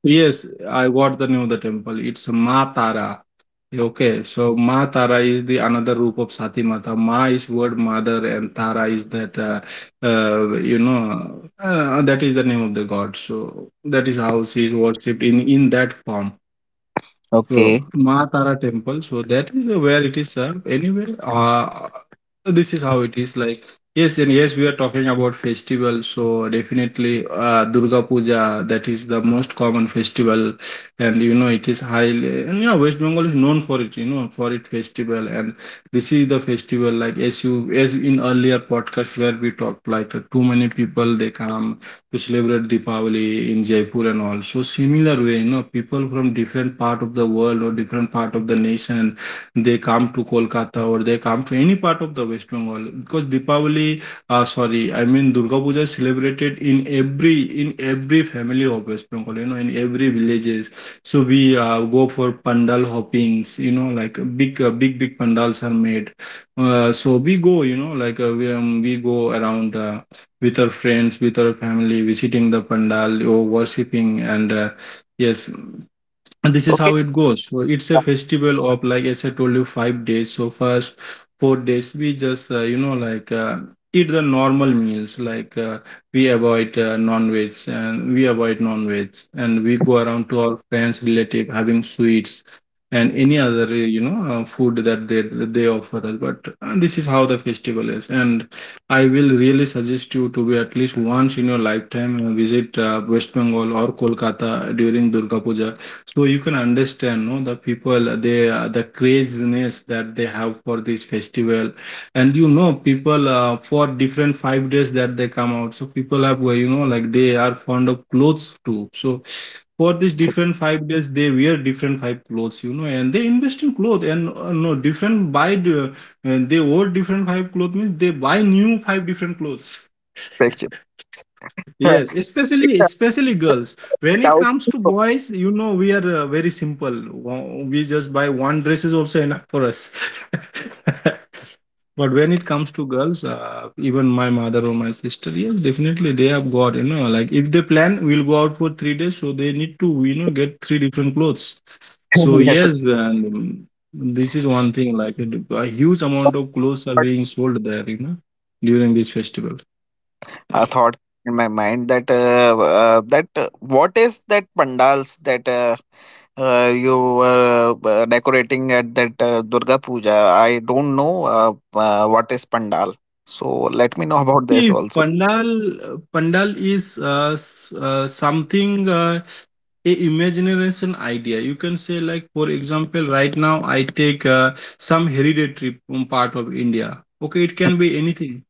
Yes, I got the name of the temple. It's Ma Tara. Yeah, okay, so Ma Tara is the another roop of Sati Mata. Ma is word mother, and Tara is that, you know, that is the name of the god. So that is how she is worshipped in that form. okay, So, Ma Tara temple. So that is where it is served. Anyway, this is how it is like. Yes, and yes, we are talking about festival. So definitely, Durga Puja. That is the most common festival, and you know it is highly. And yeah, West Bengal is known for it. You know for it festival, and this is the festival. Like, as in earlier podcast where we talked, like, too many people they come to celebrate Deepavali in Jaipur and all. So similar way, you know, people from different part of the world or different part of the nation, they come to Kolkata or they come to any part of the West Bengal because Deepavali, I mean Durga Puja is celebrated in every family of West Bengal, you know, in every villages. So we go for pandal hoppings, you know, like big pandals are made. So we go, you know, like, we go around. With our friends, with our family, visiting the pandal or worshipping. And yes, and this is okay. how it goes. So it's a festival of, like, as I told you, 5 days. So first 4 days we just you know, like, eat the normal meals, like, we avoid non-veg, and we avoid non-veg, and we go around to our friends relative having sweets and any other you know, food that they offer us. But this is how the festival is. And I will really suggest you to be at least once in your lifetime, visit West Bengal or Kolkata during Durga Puja, so you can understand, no, the people, the craziness that they have for this festival. And you know, people, for different 5 days that they come out. So people have, you know, like, they are fond of clothes too. So for these different 5 days, they wear different five clothes, you know, and they invest in clothes, and no different buy, the- and they wear different five clothes means they buy new five different clothes. <laughs> Picture. Yes, <laughs> Without. especially girls. When it comes to <laughs> boys, you know, we are very simple. We just buy one dress is also enough for us. <laughs> But when it comes to girls, even my mother or my sister, yes, definitely, they have got, you know, like, if they plan, we'll go out for 3 days, so they need to, you know, get three different clothes. So Yes, yes, and this is one thing, like, a huge amount of clothes are but being sold there, you know, during this festival. a thought in my mind that what is that pandals that you were decorating at that Durga Puja? I don't know what is pandal. So let me know <laughs> about this See, also. Pandal is something, a imagination idea. You can say, like, for example, right now I take some hereditary part of India. Okay, it can <laughs> be anything.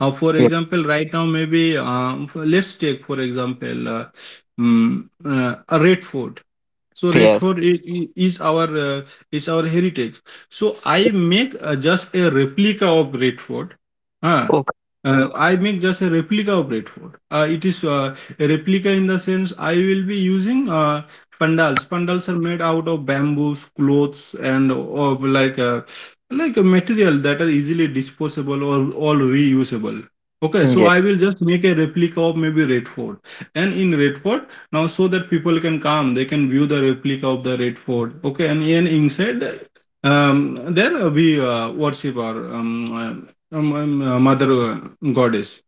For Yeah. example, right now, maybe, let's take, for example, a red fort. So red Yes. fort is our heritage. So I make just a replica of red fort. Huh. Okay. I make just a replica of red fort. It is a replica in the sense I will be using pandals. Pandals are made out of bamboos, clothes, and of, like a material that are easily disposable or all reusable. Okay, so Yeah. I will just make a replica of maybe red fort, and in red fort now, so that people can come, they can view the replica of the red fort. Okay, and inside, there, we worship our mother, goddess.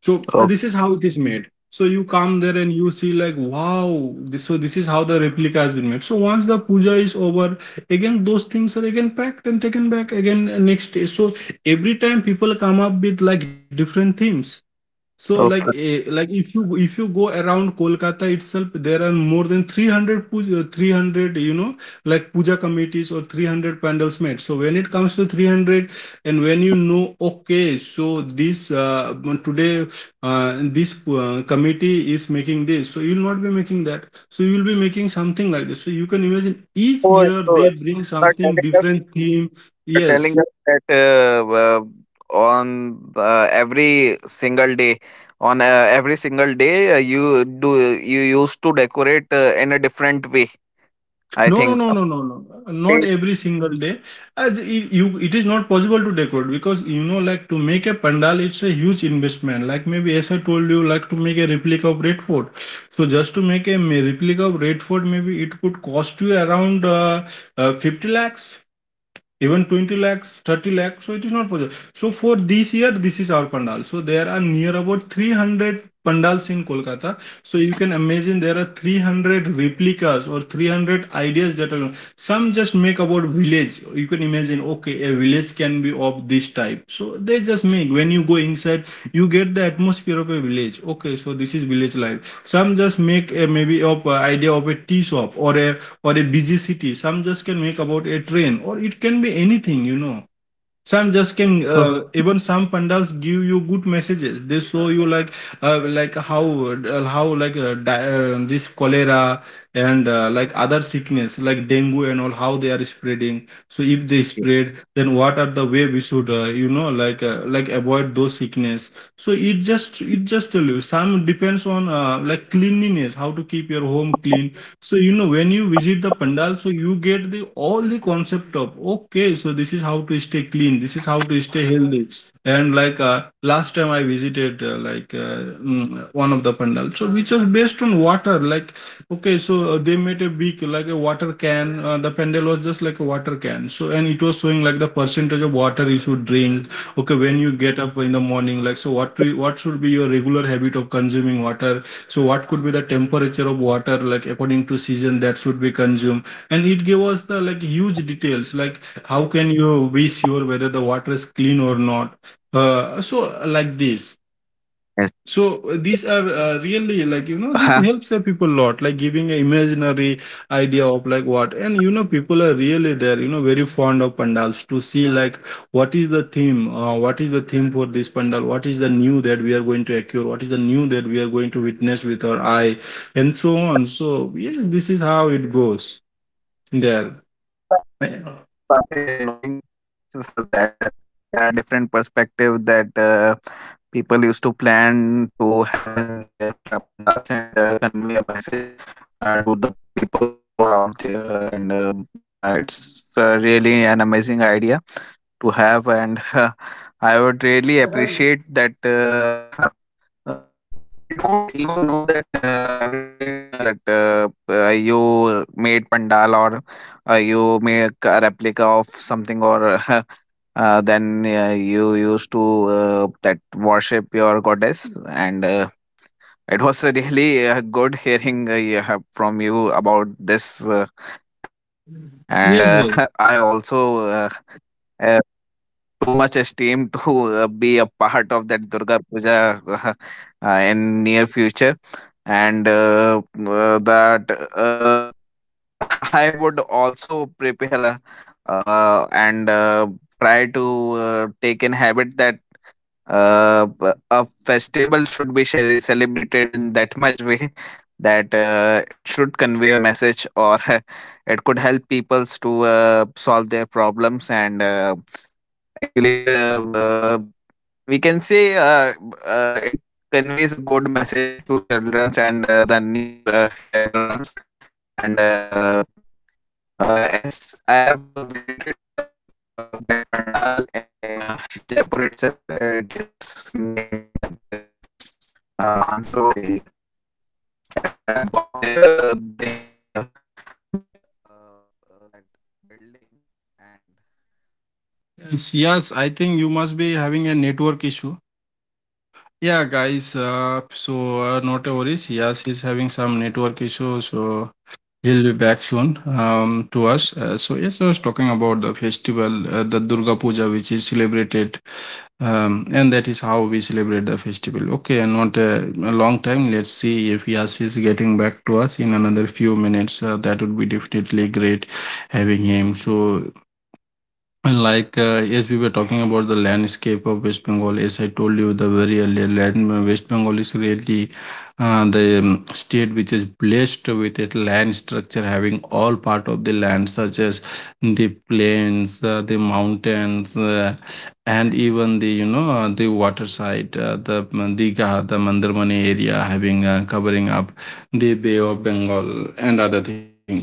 So this Okay. is how it is made. So you come there and you see, like, wow, this, so this is how the replica has been made. So once the puja is over, again those things are again packed and taken back again, next day. So every time people come up with like different themes. So like, Okay. If you go around Kolkata itself, there are more than 300 puja, 300, you know, like, puja committees or 300 pandals made. So when it comes to 300, and when you know, okay, so this today, this committee is making this, so you'll not be making that. So you'll be making something like this. So you can imagine each Oh, year they oh, bring but something different theme. are Yes, telling us that on uh, every single day on every single day you used to decorate in a different way. I no, no, no, think. no, no, no. Not Update. every single day. As it is not possible to decorate, because, you know, like, to make a pandal, it's a huge investment. Like maybe, as I told you, like, to make a replica of Red Fort, so just to make a replica of Red Fort, maybe it could cost you around, 50 lakhs, even 20 lakhs, 30 lakhs. So it is not possible. So for this year, this is our pandal. So there are near about 300 pandals in Kolkata. So you can imagine there are 300 replicas or 300 ideas that are, some just make about village. You can imagine, okay, a village can be of this type. So they just make, when you go inside, you get the atmosphere of a village. Okay, so this is village life. Some just make a, maybe, of idea of a tea shop, or a, busy city. Some just can make about a train, or it can be anything, you know, some just can, even some pandals give you good messages, they show you, like, uh, like how how, like, this cholera and, like, other sickness, like dengue and all, how they are spreading. So if they Okay, spread, then what are the way we should, you know, like, like, avoid those sickness. So it just, tell you some, depends on like cleanliness, how to keep your home clean. So, you know, when you visit the pandal, so you get the all the concept of, okay, so this is how to stay clean, this is how to stay healthy. And, like, last time I visited, like mm, one of the pandal, so which was based on water. Like, okay, so they made a big, like, a water can. The pandal was just like a water can. So, and it was showing like the percentage of water you should drink. Okay, when you get up in the morning, like, so, what should be your regular habit of consuming water, so what could be the temperature of water, like, according to season, that should be consumed. And it gave us the, like, huge details, like, how can you be sure whether the water is clean or not? So, like this. yes. So these are really, like, you know, this helps the <laughs> people a lot, like, giving an imaginary idea of, like, what. And, you know, people are really there, you know, very fond of pandals, to see, like, what is the theme. What is the theme for this pandal, what is the new that we are going to occur, what is the new that we are going to witness with our eye, and so on. So yes, this is how it goes there. Uh, By knowing <laughs> that there are different perspectives that people used to plan to have in their pandals, and convey a message to the peoples who are out there, and it's really an amazing idea to have, and <laughs> I would really appreciate that. <laughs> I, I don't even know that every to that you made pandal, or you make a replica of something, or <laughs> then you used to that worship your goddess. And. It was really good hearing, yeah, from you about this, yes, and yes, <laughs> I also uh, too much esteem to be a part of that Durga Puja, <laughs> in near future, and that uh, <laughs> I would also prepare, and try to take in habit that a festival should be celebrated in that much way <laughs> that it should convey a message, or <laughs> it could help peoples to solve their problems, and actually, we can say it conveys a good message to childrens, and the newer younger ones, and as I have visited that pandal in Jaipur itself. It is nearby that Mansarovar area, and I've got there. They have yes, yes, I think you must be having a network issue. Yeah, guys. So not a worries. Yes, he's having some network issue, so he'll be back soon, to us. So yes, I was talking about the festival, the Durga Puja, which is celebrated, and that is how we celebrate the festival. Okay, and not a long time. Let's see if Yas is getting back to us in another few minutes. That would be definitely great having him. So, and, like, yes, we were talking about the landscape of West Bengal. As I told you, the very earlier land West Bengal is really the state, which is blessed with a land structure having all part of the land, such as the plains, the mountains, and even the, you know, the water side, the Diga, the Mandarmani area, having covering up the Bay of Bengal and other things.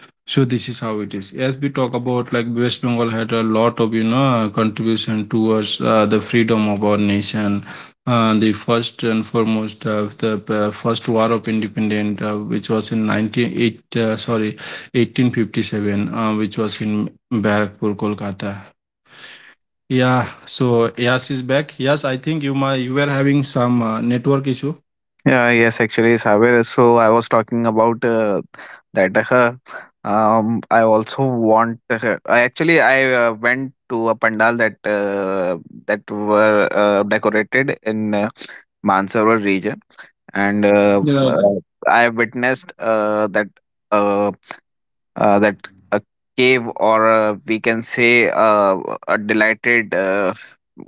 So this is how it is. As we talk about, like, West Bengal had a lot of, you know, contribution towards the freedom of our nation. The first and foremost, the first war of independence, which was in 1857, which was in Barrackpur, Kolkata. Yeah. So Yas is back. Yes, I think you might, you were having some network issue. yeah, yes, actually, Saber. So I was talking about that. I also want. I actually I went to a pandal that that were decorated in Mansarovar region, and Yeah, I witnessed that. Uh, that a cave, or a, we can say a delighted uh,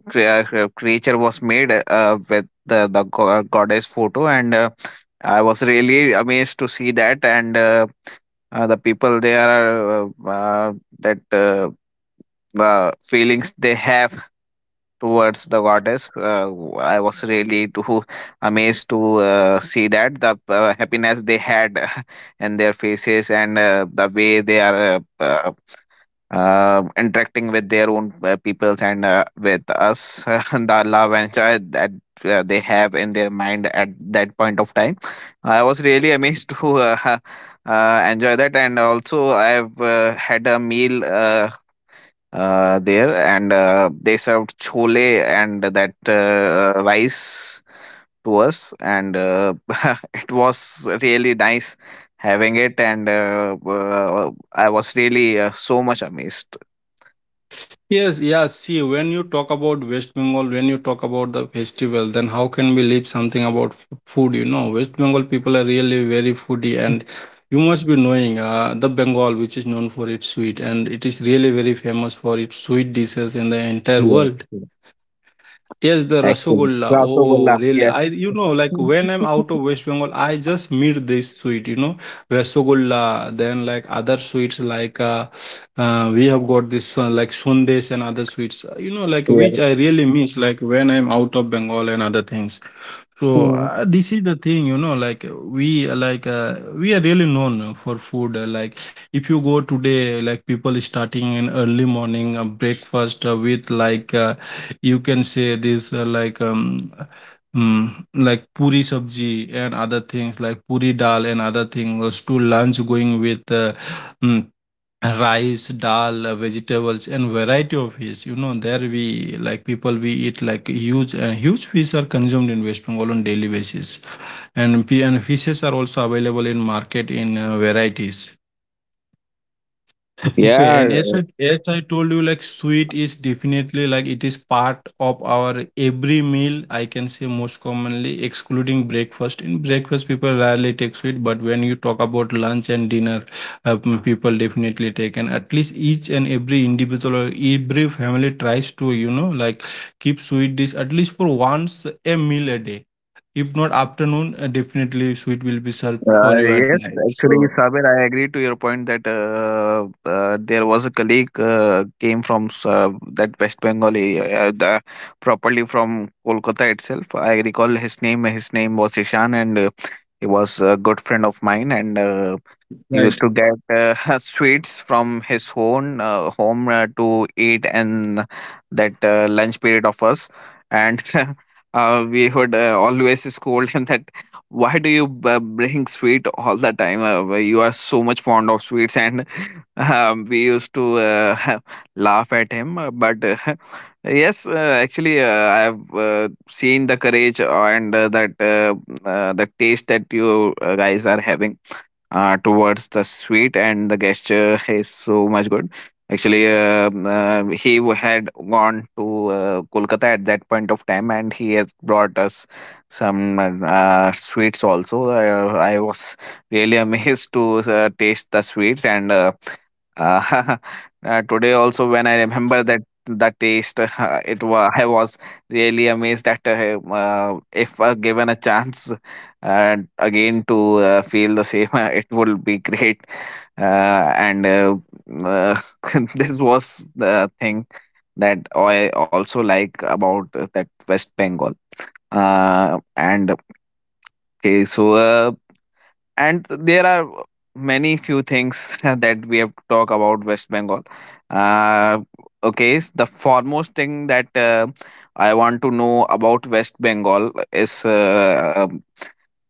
crea- crea- creature was made with the goddess photo, and I was really amazed to see that, and the people there are that the feelings they have towards the goddess. I was really too amazed to see that the happiness they had <laughs> in their faces, and the way they are interacting with their own peoples, and with us, <laughs> and the love and joy that they have in their mind at that point of time. I was really amazed <laughs> to enjoy that, and also I've had a meal. There and they served chole and that rice to us and <laughs> it was really nice having it and I was really so much amazed. yes, yeah. See, when you talk about West Bengal, when you talk about the festival, then how can we leave something about food? You know, West Bengal people are really very foodie, and you must be knowing the Bengal, which is known for its sweet, and it is really very famous for its sweet dishes in the entire Yes, world. yes. Yes, the Excellent. rasagolla. Oh, Rasogolla. really? Yes. I, you know, like <laughs> when I'm out of West Bengal, I just meet this sweet, you know, rasagolla. Then like other sweets, like we have got this like sundaes and other sweets, you know, like which Yes. I really miss, like when I'm out of Bengal and other things. So Hmm. This is the thing, you know, like we are really known for food. Like if you go today, like people is starting in early morning breakfast with like you can say this like like puri sabji and other things like puri dal and other things. Was to lunch going with mm, rice dal vegetables and variety of fish, you know, there we like people we eat like huge and huge fish are consumed in West Bengal on daily basis, and fishes are also available in market in varieties. Okay, and Yeah. as I told you, like sweet is definitely like it is part of our every meal. I can say most commonly, excluding breakfast. In breakfast, people rarely take sweet, but when you talk about lunch and dinner, people definitely take. And at least each and every individual or every family tries to, you know, like keep sweet dish at least for once a meal a day. If not afternoon, definitely sweet will be served for Uh, you at yes, night. actually, So, Sabir, I agree to your point that there was a colleague came from that West Bengal area, properly from Kolkata itself. I recall his name. His name was Ishan, and he was a good friend of mine. And he used right. to get <laughs> sweets from his own home to eat in that lunch period of us, and <laughs> we would always scold him that why do you bring sweet all the time? Why you are so much fond of sweets, and <laughs> we used to <laughs> laugh at him. But <laughs> yes, actually, I have seen the courage and that the taste that you guys are having towards the sweet, and the gesture is so much good. Actually, he had gone to Kolkata at that point of time, and he has brought us some sweets also. I was really <laughs> amazed to taste the sweets, and uh, <laughs> today also when I remember that the taste <laughs> it was I was really amazed that if given a chance and again to feel the same <laughs> it would be great. And uh, <laughs> this was the thing that I also like about that west bengal and okay so uh, and there are many few things <laughs> that we have to talk about West Bengal. Uh, okay s- the foremost thing that I want to know about West Bengal is uh,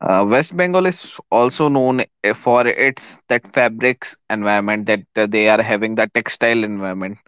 uh, West Bengal is also known for its that fabrics environment, that they are having the textile environment.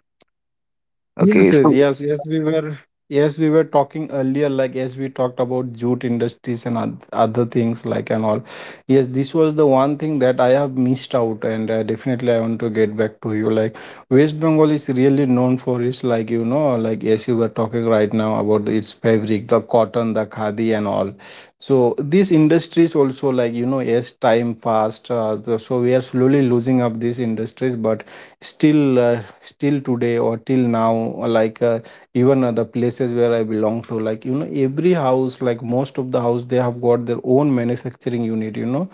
Yes, Okay, yes, so. yes, yes. We were yes, we were talking earlier, like as we talked about jute industries and oth- other things like and all. Yes, this was the one thing that I have missed out, and definitely I want to get back to you. Like West Bengal is really known for its, like, you know, like as you were talking right now about the, its fabric, the cotton, the khadi, and all. So these industries also, like, you know, as time passed, the, so we are slowly losing up these industries, but still today or till now even the places where I belong to, like, you know, every house, like most of the house, they have got their own manufacturing unit, you know,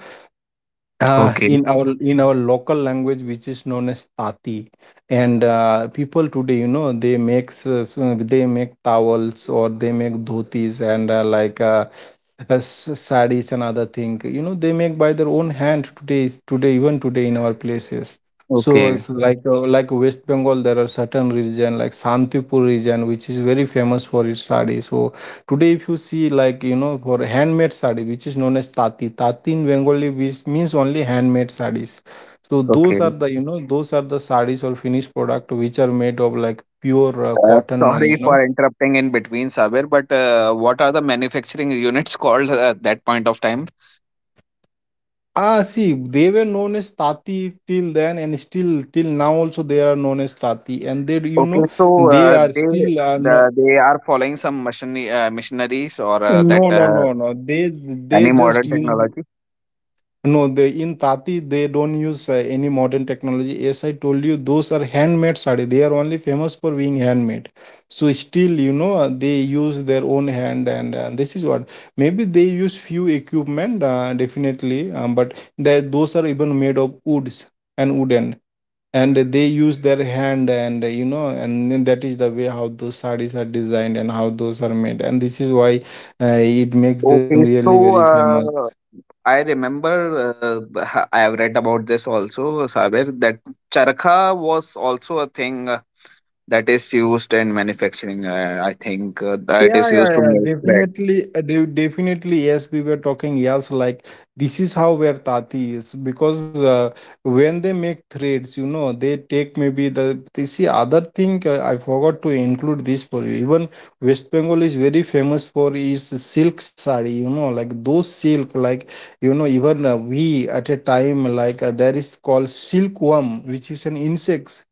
uh, Okay. in our in our local language which is known as tati. And people today, you know, they make towels or they make dhotis and sarees and other thing, you know, they make by their own hand today, today, even today in our places. So Okay, it's like West Bengal there are certain region like Santipur region which is very famous for its saree. So today, if you see, like, you know, for handmade sari, which is known as tati, tati in Bengali, which means only handmade saris. So those are okay. the, you know, those are the saris or finished product which are made of like pure cotton, Sorry you know. for interrupting in between, Sabir. But what are the manufacturing units called at that point of time? Ah, see, they were known as tati till then, and still, till now, also they are known as tati. And they, you know, Okay, so they are they still, no, they are following some machineries or no, that no, no, no. They any just modern use. technology. No, they in Tati they don't use any modern technology. As I told you, those are handmade sari. They are only famous for being handmade. So still, you know, they use their own hand, and this is what maybe they use few equipment, definitely. But that those are even made of woods and wooden, and they use their hand, and you know, and then that is the way how those saris are designed and how those are made, and this is why it makes them Okay, really very so. famous. I remember, I have read about this also, Sabir, that charkha was also a thing that is used in manufacturing. I think it Yeah, is used yeah, to yeah. make bread. Definitely, definitely. Yes, we were talking. Yes, like this is how where Tati is because when they make threads, you know, they take maybe the. They see other thing. I forgot to include this for you. Even West Bengal is very famous for its silk sari. You know, like those silk, like you know, even we at a time like there is called silkworm, which is an insect.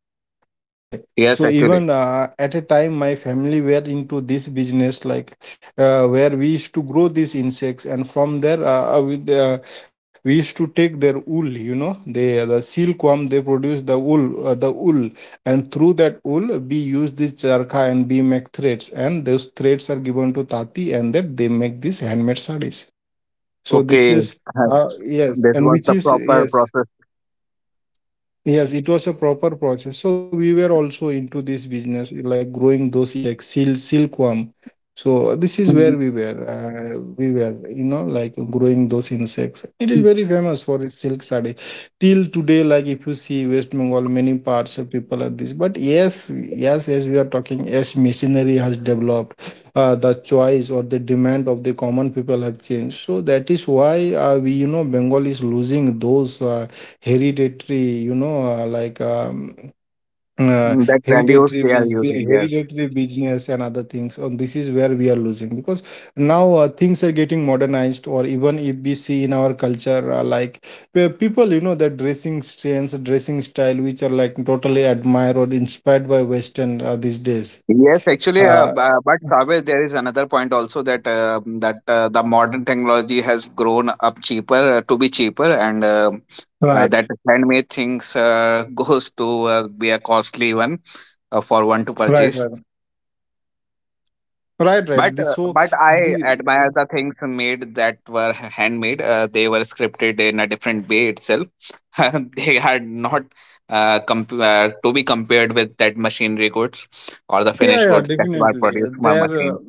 Okay, Yes, so actually. even at a time, my family were into this business, like where we used to grow these insects, and from there, we used to take their wool. You know, they the silkworm, they produce the wool, and through that wool, we use this charkha and we make threads, and those threads are given to tati, and that they make these handmade sarees. So this Okay, is <laughs> uh, yes, this and was which the is proper yes. process. Yes, it was a proper process. So we were also into this business, like growing those insects, silkworm. So this is where we <laughs> were. We were, you know, like growing those insects. It is very famous for its silk sari. Till today, like if you see West Bengal, many parts of people are this. But yes, yes, as we are talking, as machinery has developed, the choice or the demand of the common people have changed. So that is why we, you know, Bengal is losing those. Hereditary you know like uh, Mhm. That values hereditary they are using. Yes. hereditary business and other things, and this is where we are losing because now things are getting modernized, or even if we see in our culture like where people, you know, their dressing trends, dressing style, which are like totally admired or inspired by western these days. Yes, actually, uh, uh, b- uh, but Saved, there is another point also that the modern technology has grown up cheaper, to be cheaper, and Right, that handmade things <laughs> goes to be a costly one for one to right, purchase. right, right, right. But This uh, so but I the admire the things made that were handmade. They were scripted in a different way itself. <laughs> They are not to be compared with that machinery goods or the yeah, finished yeah, goods that were definitely. produced by There. Machine.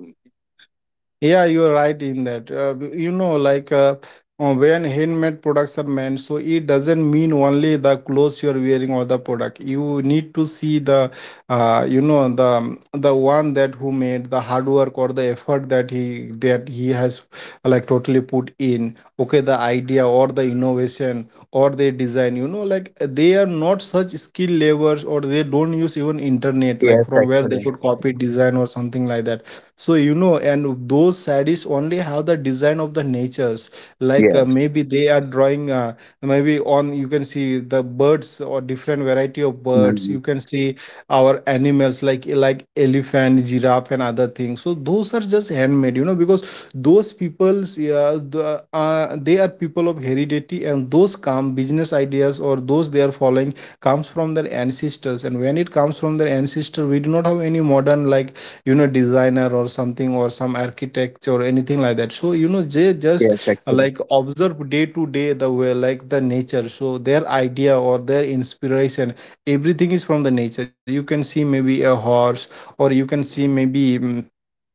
Yeah, you're right in that. You know, like when handmade products are meant, so it doesn't mean only the clothes you're wearing or the product. You need to see the, you know, the one that who made the hard work or the effort that he has like totally put in. Okay, the idea or the innovation or the design. You know, like they are not such skill levels or they don't use even internet Yes, like from where they actually. could copy design or something like that. So you know, and those sarees only have the design of the natures, like Yes. maybe they are drawing maybe on you can see the birds or different variety of birds, Mhm. you can see our animals like elephant, giraffe, and other things. So those are just handmade, you know, because those people's yeah, they are people of heredity and those come business ideas or those they are following comes from their ancestors, and when it comes from their ancestor we do not have any modern like you know designer or something or some architect or anything like that. So, you know, they Yes, just actually. like observe day to day the way like the nature. So their idea or their inspiration everything is from the nature. You can see maybe a horse or you can see maybe mm,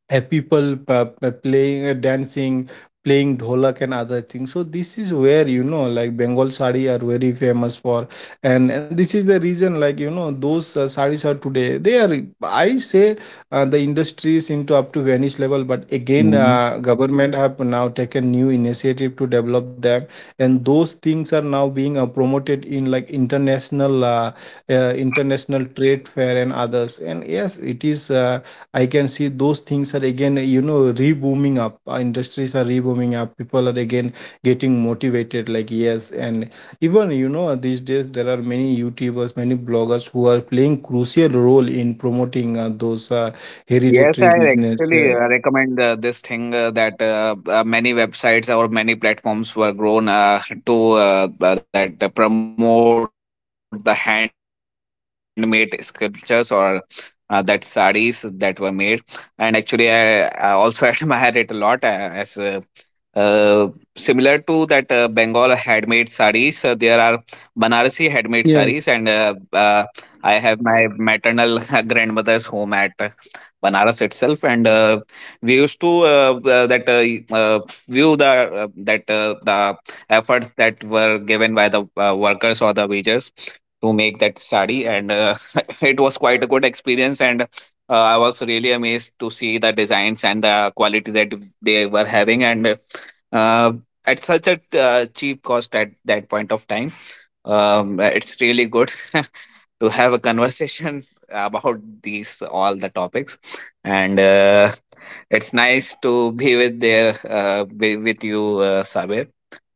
uh, people playing dancing, playing dholak and other things. So this is where, you know, like Bengal sari are very famous for. And this is the reason, like, you know, those saris are today, they are I say the industry is into up to vanish level, but again Mhm. Government have now taken new initiative to develop them, and those things are now being promoted in like international trade fair and others. And yes, it is I can see those things are again, you know, re-booming up. Our industries are re-booming up. People are again getting motivated, like, yes. And even, you know, these days there are many YouTubers, many bloggers who are playing crucial role in promoting those Yes, hereditary I business. actually recommend this thing, that many websites or many platforms were grown to that promote the handmade sculptures or that saris that were made. And actually, I also <laughs> admire it a lot, as uh, similar to that Bengal handmade saris, there are Banarasi handmade saris, and I Yes, have my maternal <laughs> grandmother's home at Banaras itself, and we used to that view the that the efforts that were given by the workers or the wagers to make that sari, and <laughs> it was quite a good experience, and I was really amazed to see the designs and the quality that they were having, and uh, at such a cheap cost at that point of time. It's really good <laughs> to have a conversation <laughs> about these all the topics, and it's nice to be with there, be with you, Sabe,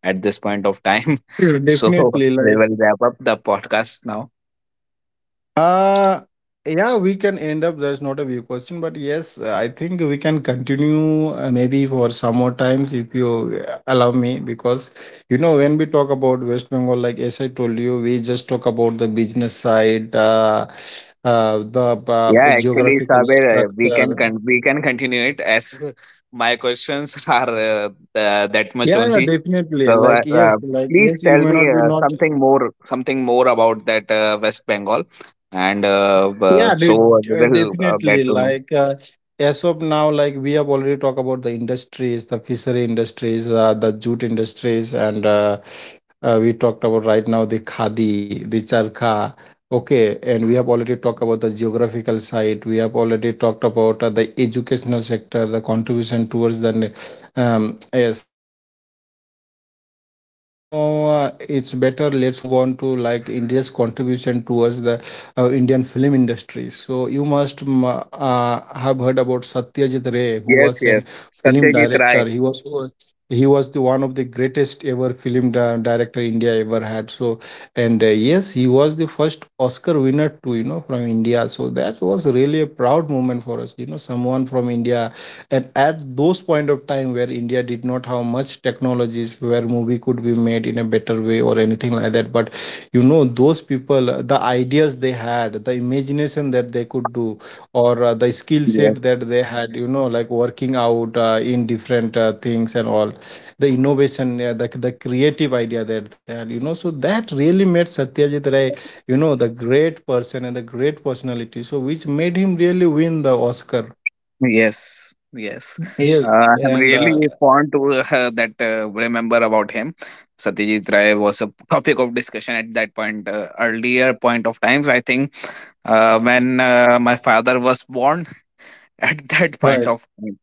at this point of time. <laughs> yeah, So definitely. we Like, will wrap up the podcast now. Uh, yeah, we can end up. There's not a view question, but yes, I think we can continue maybe for some more times if you allow me. Because you know, when we talk about West Bengal, like as I told you, we just talk about the business side, the Yeah, actually, geographical Saber, structure. We can continue it as <laughs> my questions are that much Yeah, yeah, only. definitely. So Like, please yes, you tell may me not be not. Something more about that West Bengal, and Yeah, so dude, we will get definitely. to know. As of now, like we have already talked about the industries, the fishery industries, the jute industries, and we talked about right now the khadi, the charkha. Okay, and we have already talked about the geographical side. We have already talked about the educational sector, the contribution towards the yes. And right now, it's better. Let's move on to like India's contribution towards the Indian film industry. So you must have heard about Satyajit Ray, who was an Yes, yes, film director. Satyajit Ray. He was the one of the greatest ever director India ever had. So and yes, he was the first Oscar winner too, you know, from India. So that was really a proud moment for us, you know, someone from India. And at those point of time where India did not have much technologies where movie could be made in a better way or anything like that, but you know those people the ideas they had the imagination that they could do or the skill Yes, set that they had, you know, like working out in different things and all the innovation, the creative idea that they had, you know, so that really made Satyajit Ray, you know, the great person and the great personality, so which made him really win the Oscar. yes, yes. Yes, I'm and really fond to that remember about him. Satyajit Ray was a topic of discussion at that point, earlier point of times. I think when my father was born <laughs> at that point right. of time.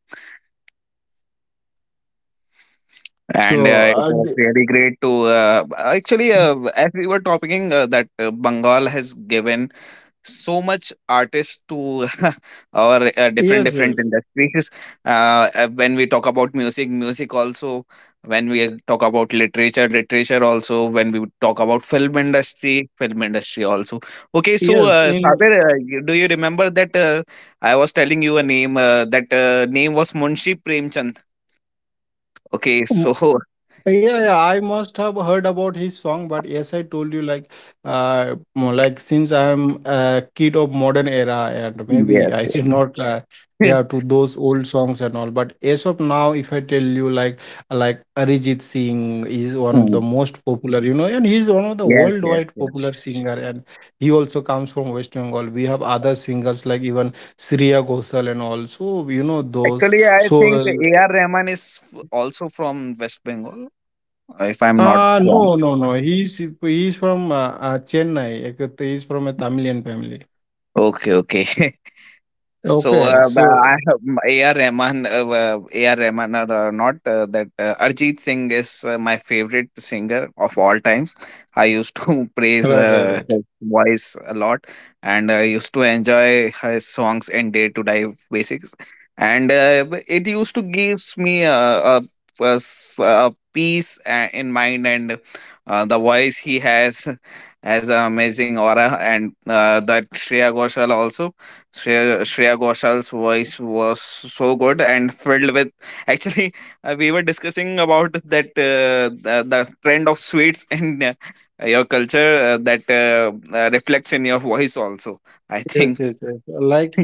And So it was really great to actually, as we were talking, that Bengal has given so much artists to <laughs> our different yes, different yes, industries. When we talk about music, music also; when we talk about literature, literature also; when we talk about film industry, film industry also. Okay, so yes. In Sabir, do you remember that I was telling you a name, that name was Munshi Premchand. Okay, so yeah, yeah, I must have heard about his song, but yes, I told you like, more like since I'm a kid of modern era, and <laughs> maybe <laughs> yes. I did not, yeah, to those old songs and all. But as of now, if I tell you like Arijit Singh is one of the Mm. most popular, you know, and he's one of the Yes, yes, worldwide yes. popular singer, and he also comes from West Bengal. We have other singers like even Shreya Ghoshal and all. So you know those. Actually, I think So A.R. Rahman is also from West Bengal, if I'm not wrong. no, no, no. He's from Chennai. He's from a Tamilian family. Okay, okay. <laughs> So, Okay, I so have A.R. Rahman, A.R. Rahman or not, that Arjit Singh is my favorite singer of all times. I used to right, <laughs> right, praise right. His voice a lot, and I used to enjoy his songs in day to day basics. And it used to gives me a a peace in mind, and the voice he has <laughs> has an amazing aura, and that Shreya Ghoshal also. Shreya Goshal's voice was so good and filled with. <laughs> Actually, we were discussing about that the trend of sweets <laughs> in your culture, that reflects in your voice also. I Yes, think. yes, yes. Like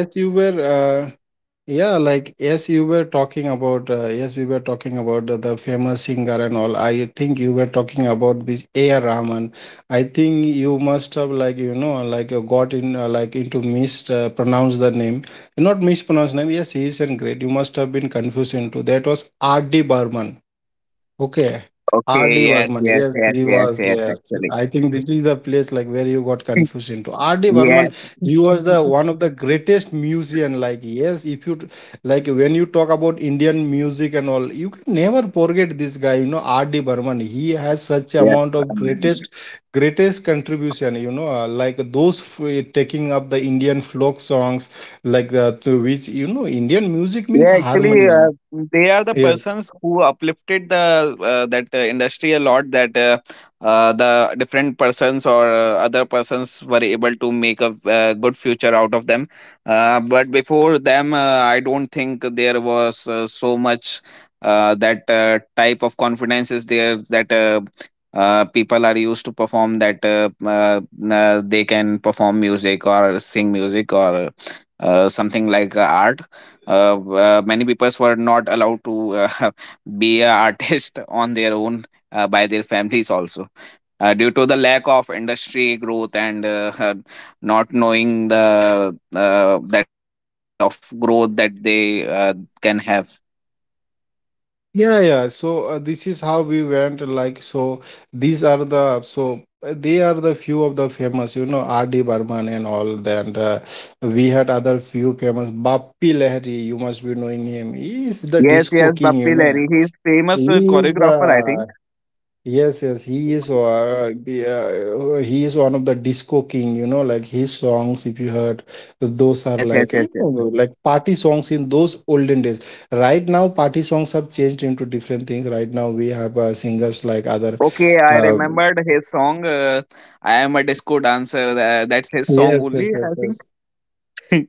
as you were. Uh, Yeah, like yes, you were talking about yes, we were talking about the famous singer and all. I think you were talking about this A.R. Rahman. I think you must have like you know like you got in like into mispronounce the name. Not mispronounce name. Yes, he is and great. You must have been confused into that was R.D. Burman. Okay. R.D. Yes, Burman. yes, Yes, yes, he was. yes, Yes. actually. I think this is the place like where you got confused into. R.D. Burman, Yes, he was the one of the greatest musician. Like, yes, if you t- like when you talk about Indian music and all, you can never forget this guy, you know, R.D. Burman. He has such yes. amount of greatest contribution, you know, like those taking up the Indian folk songs like the to which you know Indian music means Yeah, actually, harmonium, they are the yes, persons who uplifted the that industry a lot. That the different persons or other persons were able to make a good future out of them. But before them, I don't think there was so much that type of confidence is there that. People are used to perform that they can perform music or sing music or something like art. Many people were not allowed to <laughs> be an artist <laughs> on their own, by their families also, due to the lack of industry growth, and <laughs> not knowing the that kind of growth that they can have. yeah, yeah. So this is how we went, like, so these are the so they are the few of the famous, you know, RD Burman, and all that we had other few famous Bappi Lahiri, you must be knowing him. He is the Yes, disco yes, king, you Bappi know. Lahiri, he is famous He is choreographer, I the think. yes, yes, he is he is one of the disco king, you know, like his songs, if you heard, those are Yes, yes, like, yes, you yes, know, yes. like party songs in those olden days. Right now, party songs have changed into different things. Right now, we have singers like other, Okay, I um, remembered his song, I Am a Disco Dancer. That's his yes, song yes, only, yes, I think. yes.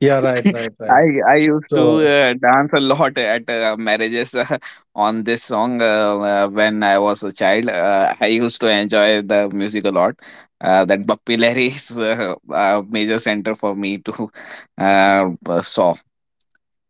Yeah, right, right, right. I I used to So, dance a lot at marriages <laughs> on this song, when I was a child. I used to enjoy the music a lot. That Bappi Lahiri is a major center for me to saw.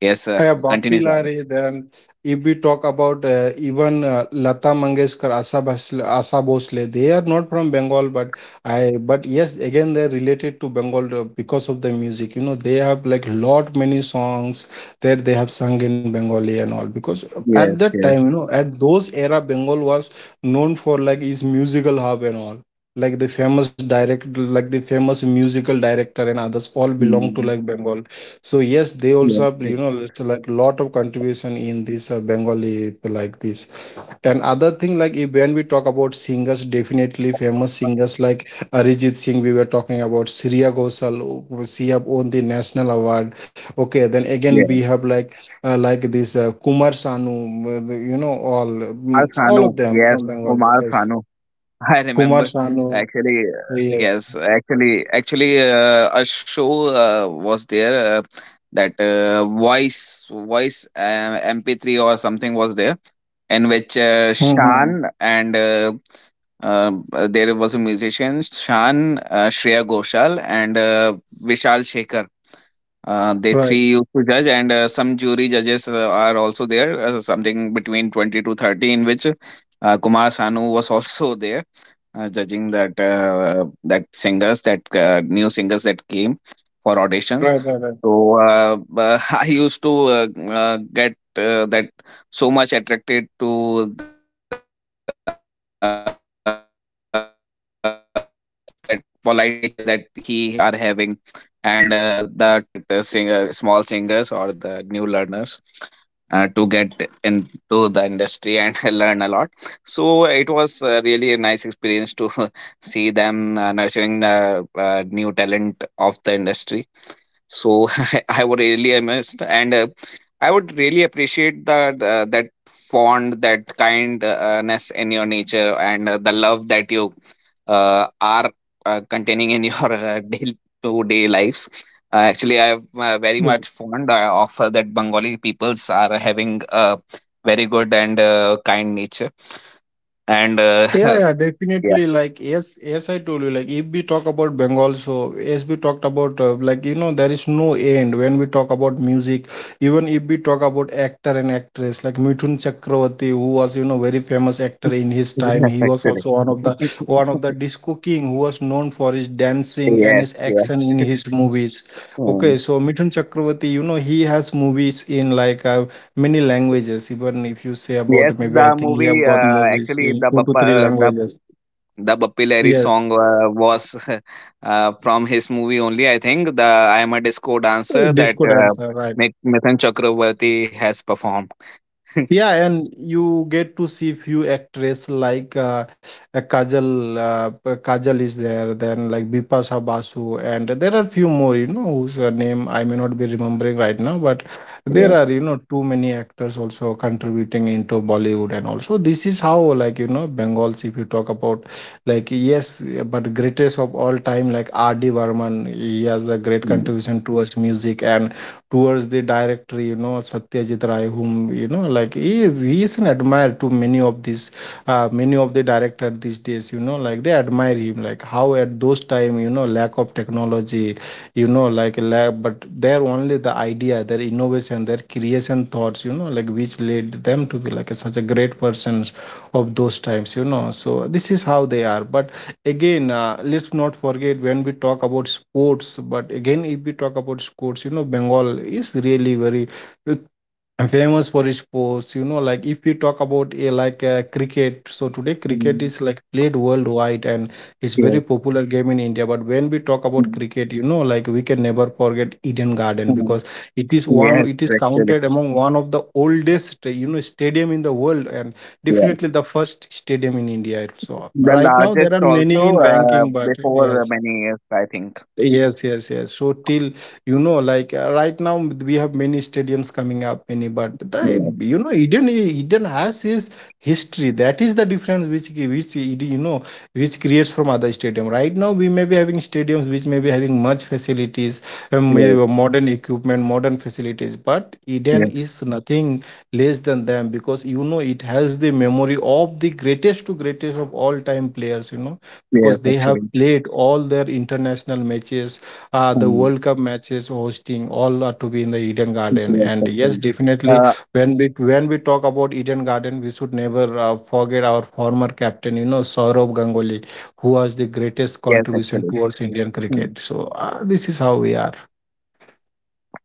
Yes, yeah, Bob continues. Pilari. Then, if we talk about even Lata Mangeshkar, Asa Bhosle, Asa Bhosle, they are not from Bengal, but I, but yes, again they're related to Bengal because of the music. You know, they have like lot many songs that they have sung in Bengali and all. Because at Yes, that time, yes. you know, at those era, Bengal was known for like its musical hub and all. Like the famous direct, like the famous musical director and others all belong to Mm, like Bengal. So yes, they also yes, have, you yes. know, it's like lot of contribution in this Bengali like this. And other thing like if when we talk about singers, definitely famous singers like Arijit Singh, we were talking about Sriya Ghoshal, she have won the national award. Okay, then again we Yes. have like this Kumar Sanu, you know, all Kumar mm, all Sanu. of them Yes, from Bengali. Kumar Yes, Sanu. I Kumar remember Sanu. actually, Yes. yes, actually, a show was there, that voice MP3 or something was there, in which Hmm. Shan and there was a musician Shan, Shreya Ghoshal, and Vishal Shekhar, they Right. three used to judge, and some jury judges are also there, something between 20 to 30, in which Kumar Sanu was <laughs> also there judging that that singers, that new singers that came for auditions. Right. Right. So <laughs> I used to get that so much attracted to his that polite nature that he are having, and the tactics that they were suggesting to that singer, small singers or the new learners, to get into the industry and <laughs> learn a lot. So it was really a nice experience to <laughs> see them nurturing the new talent of the industry. So <laughs> I would really am missed, and I would really appreciate that that fond, that kindness in your nature, and the love that you are containing in your <laughs> day-to-day lives. Actually, I'm very Right. much fond of that Bengali peoples are having a very good and kind nature and Yeah, <laughs> yeah, Yeah. definitely. Like, yes, yes, I told you. Like, if we talk about Bengal, so as we talked about, like, you know, there is no end when we talk about music. Even if we talk about actor and actress, like Mithun Chakravarti, who was, you know, very famous actor <laughs> in his time. Yes, He was actually. also <laughs> one of the disco king who was known for his dancing and Yes, his yes. action in his movies. Mm. Okay, so Mithun Chakravarti, you know, he has movies in like many languages, even if you say Yes, about maybe I the think you have movie got movies actually in the two to three uh, the languages. the Bappi Lahiri song Yes, was <laughs> from his movie only, I think. The I Am a Disco Dancer that disco dancer, right? Mithan Chakravarti has performed. Yeah, and you get to see few actress like Kajal, Kajal is there, then like Bipasha Basu, and there are few more, you know, whose name I may not be remembering right now, but there are, Yes, you know, too many actors also contributing into Bollywood, and also this is how, like, you know, Bengals, if you talk about like yes, yeah, but greatest of all time like RD Burman, he has a great mm. contribution towards music and towards the director, you know, Satyajit Ray, whom you know, like he is an admirer to many of these many of the director these days, you know, like they admire him like how at those time you know lack of technology, you know, like lab, but they're only the idea, their innovation, their creation thoughts, you know, like which led them to be like a, such a great persons of those times, you know. So this is how they are, but again, let's not forget when we talk about sports. But again, if we talk about sports, you know, Bengal is really very I'm famous for sports, you know, like if you talk about a like cricket, so today cricket Mm. is like played worldwide and it's very Yes, popular game in India. But when we talk about mm. cricket, you know, like we can never forget Eden Garden Mm. because it is one, Yes, it is actually, counted among one of the oldest, you know, stadium in the world and yes. definitely the first stadium in India. So The right now there largest are many also in ranking, but before yes, many years, I think. yes, yes, yes. So till you know, like right now we have many stadiums coming up, many, but the Yes, you know, Eden has his history. That is the difference which you know which creates from other stadium. Right now we may be having stadiums which may be having much facilities, yes, modern equipment, modern facilities, but Eden yes. is nothing less than them because you know it has the memory of the greatest to greatest of all time players. You know because Yes, they have actually. played all their international matches, the Mm. World Cup matches hosting, all are to be in the Eden Garden. Yes, And yes, actually. definitely, Uh, when we talk about Eden Garden, we should never forget our former captain, you know, Saurabh Ganguly, who was the greatest yes, actually. contribution towards Indian Mm. cricket. So this is how we are.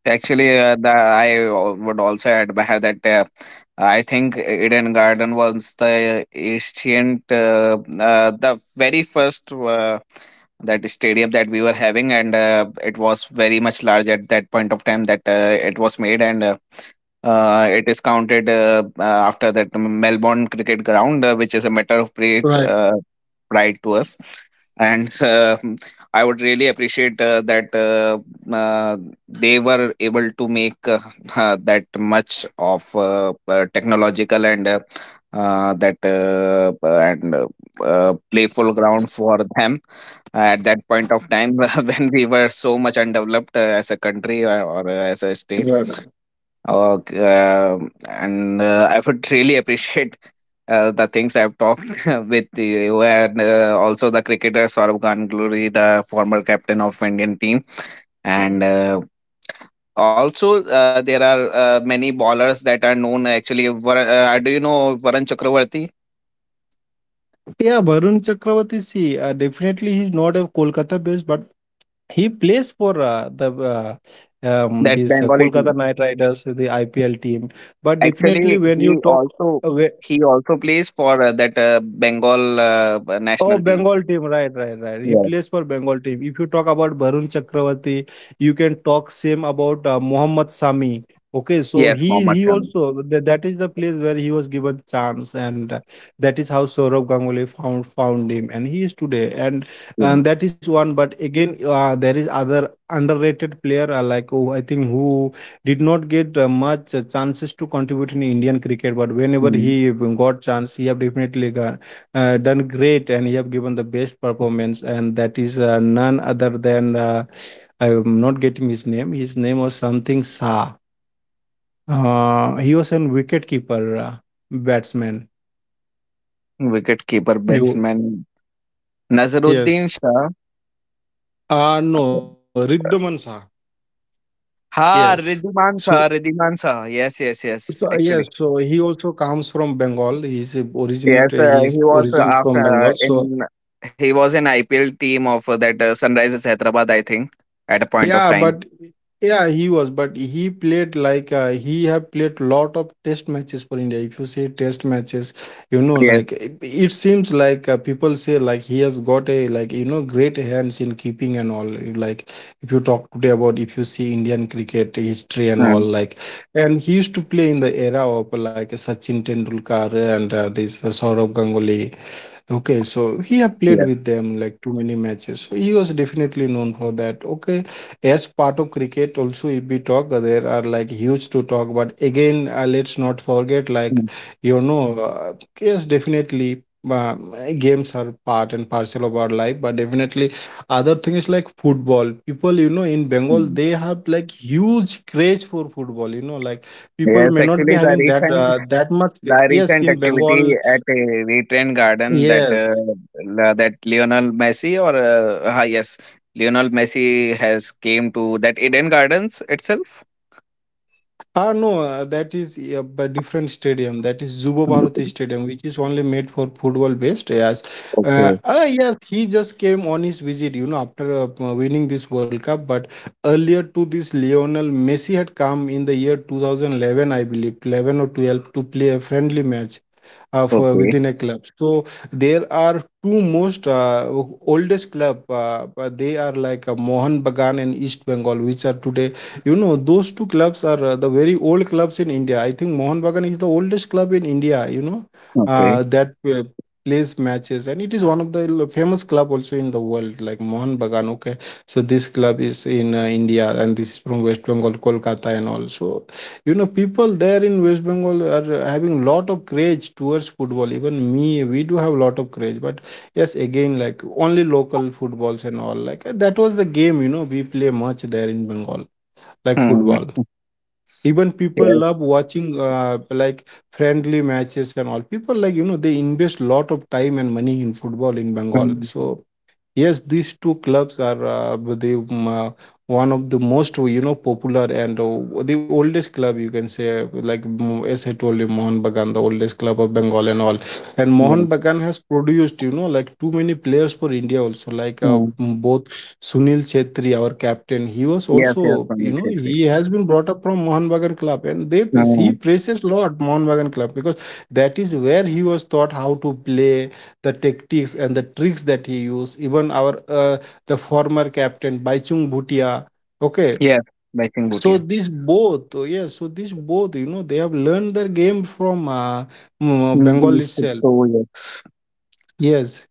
Actually, I would also add Bahar that I think Eden Garden was the ancient, the very first that stadium that we were having, and it was very much large at that point of time that it was made, and it is counted after that Melbourne Cricket Ground, which is a matter of great Right. Pride to us. And <laughs> I would really appreciate that uh, they were able to make that much of technological and playful ground for them at that point of time <laughs> when we were so much undeveloped as a country or as a state. Okay, and I would really appreciate the things I've talked <laughs> with you, and also the cricketer Saurabh Ganguly, the former captain of Indian team, and also there are many ballers that are known. Actually, do you know Varun Chakravarti? Yeah, Varun Chakravarti, see, definitely he's not a Kolkata based, but he plays for the That these Bengali Kolkata team. Knight Riders, the IPL team. But definitely, Actually, when you talk, uh, he also plays for that Bengal oh, national team. Bengal team, right, right, right. He Yes. plays for Bengal team. If you talk about Varun Chakravarti, you can talk same about Mohammad Sami. Okay, so Yes, he Mohammad he Shami. also that, that is the place where he was given chance, and that is how Saurabh Ganguly found him, and he is today, and that is one. But again, there is other underrated player like oh, I think who did not get much chances to contribute in Indian cricket, but whenever Yes. he got chance, he have definitely got done great and you have given the best performance and that is none other than I am not getting his name. His name was something sa he was a wicket keeper batsman wicketkeeper He wa- batsman Nazruddin yes Shah no Riddhaman Sa, yes, हाँ so Riddhiman Shah yes, yes, yes, so yes, actually, so he also comes from Bengal. He's yes originator, he's he was originated after from Bengal, in so he was an IPL team of that Sunrisers Hyderabad, I think, at a point of yeah, time. but yeah, he was, but he played like he have played lot of test matches for India. If you say test matches, you know, Yes, like it seems like people say like he has got a like you know great hands in keeping and all. Like if you talk today about if you see Indian cricket history and all, mm. like and he used to play in the era of like Sachin Tendulkar and this Saurabh Ganguly. Okay, so he have played Yes. with them like too many matches. So he was definitely known for that. Okay, as part of cricket, also if we talk, there are like huge to talk. But again, let's not forget like Mm. you know, uh, yes, definitely. Um, Games are part and parcel of our life, but definitely other thing is like football. People, you know, in Bengal, Mm. they have like huge craze for football. You know, like people Yes, may not be actually, the having that recent. That much. The Yes, recent in activity Bengal, at a Retrain Garden that yes. That Lionel Messi or ah, yes, Lionel Messi has came to that Eden Gardens itself. Ah, no, that is a different stadium. That is Zubo Bharati Okay, Stadium, which is only made for football based. Yes. Okay, Yes, he just came on his visit, you know, after winning this World Cup. But earlier to this, Lionel Messi had come in the year 2011, I believe, 11 or 12, to play a friendly match for okay. within a club. So there are two most oldest club. But they are like Mohan Bagan and East Bengal, which are today. You know, those two clubs are the very old clubs in India. I think Mohan Bagan is the oldest club in India. You know, Okay. That. Plays matches, and it is one of the famous club also in the world like Mohan Bagan. Okay, so this club is in India, and this is from West Bengal Kolkata and all. So you know people there in West Bengal are having lot of craze towards football. Even me, we do have lot of craze, but yes, again like only local footballs and all, like that was the game, you know, we play much there in Bengal, like Hmm. football. Even people Yes. love watching like friendly matches and all. People like, you know, they invest lot of time and money in football in Bengal. Hmm. So yes, these two clubs are the one of the most, you know, popular and the oldest club you can say. Like as I told you, Mohan Bagan, the oldest club of Bengal and all. And Mohan Yes. Bagan has produced, you know, like too many players for India also. Like Hmm. Both Sunil Chetri, our captain, he was Yes. Yes. also, you Sunil know, Shetty. he has been brought up from Mohan Bagan club, and they he Hmm. praises lot Mohan Bagan club because that is where he was taught how to play the tactics and the tricks that he used. Even our the former captain Baichung Bhutia, okay, Yes. By Singh so Bhutia. this both. Oh, yes, so this both, you know, they have learned their game from Hmm. These Bengal itself. two, yes. Yes,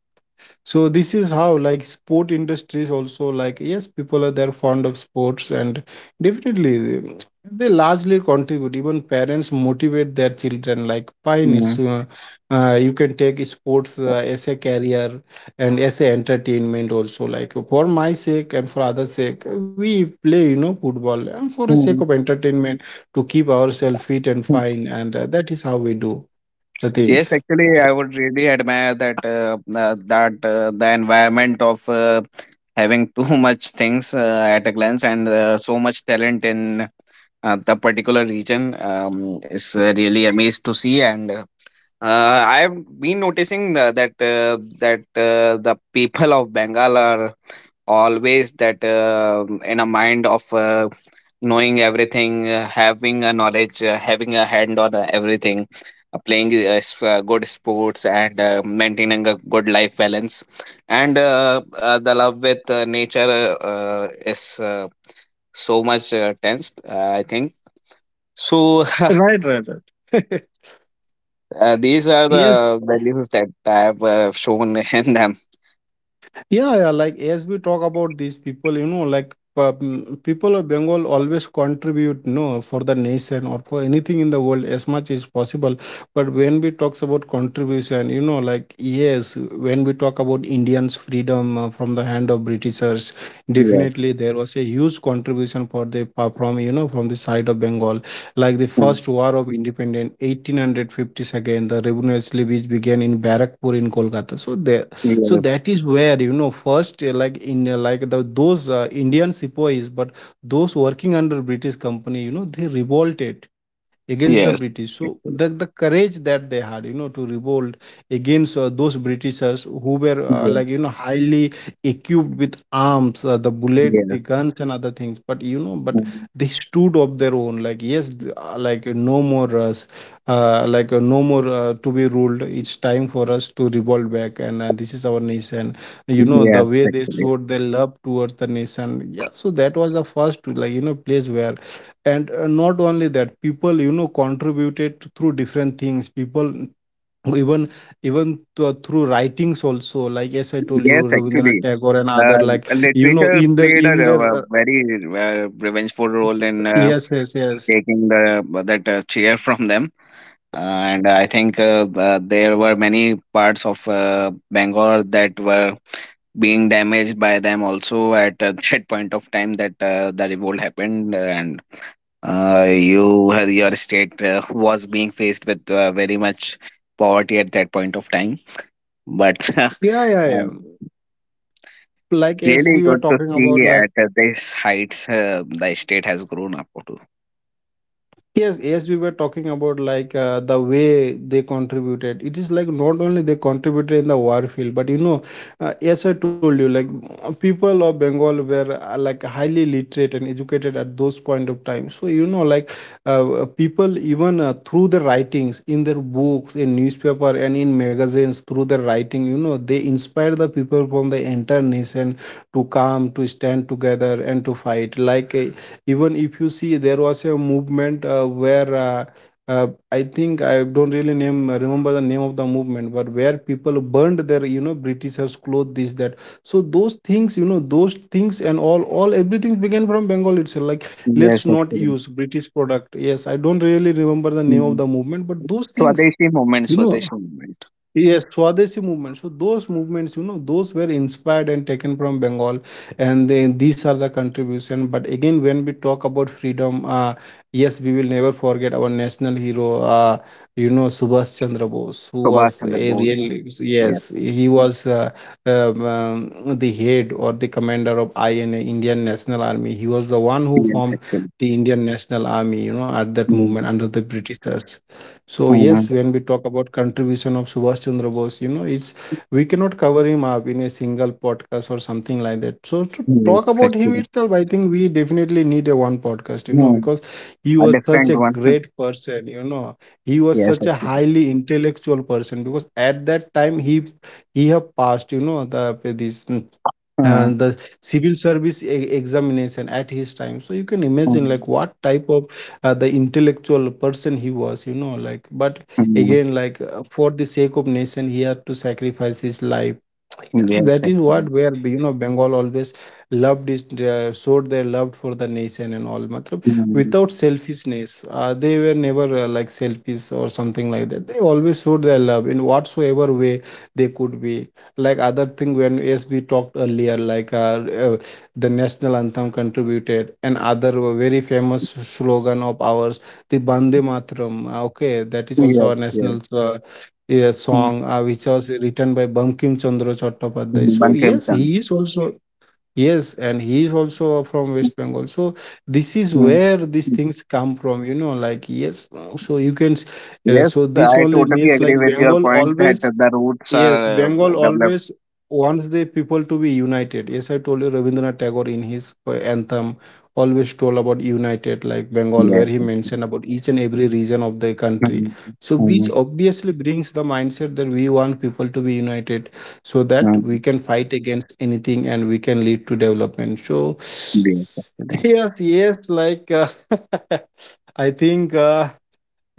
so this is how like sport industries also. Like yes, people are there fond of sports, and definitely they largely contribute. Even parents motivate their children like fine, Hmm. it's you can take sports as a career and as a entertainment also, like for my sake and for others sake we play, you know, football, and for the sake Hmm. of entertainment to keep ourselves fit and fine. And that is how we do the Yes, things. actually, I would really admire that the environment of having <laughs> too much things at a glance and so much talent in the particular region is really amazed to see. And I've been noticing the, that that the people of Bengal are always that in a mind of knowing everything, having a knowledge, having a hand on everything, playing good sports, and maintaining a good life balance, and the love with nature is so much tensed, I think so. <laughs> Right, right, right. These are <laughs> Yes, the values that I have shown <laughs> in them. yeah, yeah, like as we talk about these people, you know, like people of Bengal always contribute, no, for the nation or for anything in the world as much as possible. But when we talks about contribution, you know, like yes, when we talk about Indians' freedom from the hand of Britishers, Yes. definitely there was a huge contribution for the from, you know, from the side of Bengal, like the Mm. first war of independence, 1850s, again, the revolutionary which began in Barakpur in Kolkata. So there so Yes, that is where, you know, first like the those Indian sepoys, but those working under British company, you know, they revolted against the yes. British. So Actually. the courage that they had, you know, to revolt against those Britishers who were like, you know, highly equipped with arms, the Yes, bullet, the guns, and other things. But, you know, but yes. they stood of their own. Like, yes, like no more us, no more to be ruled. It's time for us to revolt back. And this is our nation. You know, Yes, the way they actually. showed their love towards the nation. Yeah. So that was the first, like, you know, place where. And not only that, people, you know, contributed through different things. People even through writings also, like as I told Yes, you, actually. Rabindranath Tagore and other, Uh, like you know, literature played a, in their very revengeful role in yes, yes, yes, taking the that chair from them. And I think there were many parts of Bangalore that were being damaged by them also at <laughs> that point of time that the revolt happened, and you your state was being faced with very much poverty at that point of time, but. <laughs> Yeah, yeah, yeah, like as Really we were good to talking about see like. at this heights the state has grown up to. Yes, yes, we were talking about like the way they contributed. It is like not only they contributed in the war field, but you know, as I told you, like people of Bengal were like highly literate and educated at those point of time. So you know, like people even through the writings in their books, in newspaper, and in magazines, through their writing, you know, they inspired the people from the entire nation to come, to stand together, and to fight. Like even if you see there was a movement where uh, I think I don't really name remember the name of the movement, but where people burned their, you know, Britishers clothes, this that. So those things, you know, those things and all everything began from Bengal itself, like let's Yes, not use actually. British product. Yes, I don't really remember the name of the Mm. movement, but those things, Swadeshi movement, you know. Swadeshi movement. Yes, Swadeshi movement. So those movements, you know, those were inspired and taken from Bengal, and then these are the contribution. But again, when we talk about freedom, yes, we will never forget our national hero, you know, Subhash Chandra Bose, who Subhash was Chandra a Bose. real, Yes, yes, he was the head or the commander of INA, Indian National Army. He was the one who yes, formed actually. the Indian National Army, you know, at that Mm. moment under the Britishers. So Mm. yes, when we talk about contribution of Subhash Chandra Bose, you know, it's we cannot cover him up in a single podcast or something like that. So to Yes, talk about him actually. itself, I think we definitely need a one podcast, you know, Mm. because he A was such different a one. <laughs> great person, you know. He was Yes, such a actually. highly intellectual person because at that time he have passed, you know, Mm. and the civil service examination at his time. So you can imagine like Mm. what type of the intellectual person he was, you know, like. But Mm. again, like for the sake of nation, he had to sacrifice his life. Yes, Yes, that is actually. what where, you know, Bengal always loved is showed their love for the nation and all matlab, Mm. without selfishness. They were never like selfish or something like that. They always showed their love in whatsoever way they could be. Like other thing, when as we talked earlier, like uh, the national anthem contributed and other very famous slogan of ours, the Bande Matram, okay, that is Yes, also our yes. national yeah, Mm. song which was written by Bankim Chandra Chattopadhyay. So Bankim yes, Chand. he is also yes, and he is also from West Bengal. So this is Mm. where these things come from, you know, like yes. so you can s- uh, Yes, so this I only totally means like agree with your Bengal point that always. The routes Yes, are Bengal developed. always wants the people to be united. Yes, I told you Rabindranath Tagore in his anthem always told about united like <laughs> Bengal, Yes, where he absolutely. mentioned about each and every region of the country. Um, So, which um, obviously brings the mindset that we want people to be united so that um, we can fight against anything and we can lead to development. So, yes, actually. <laughs> yes, yes, like <laughs> I think. Uh,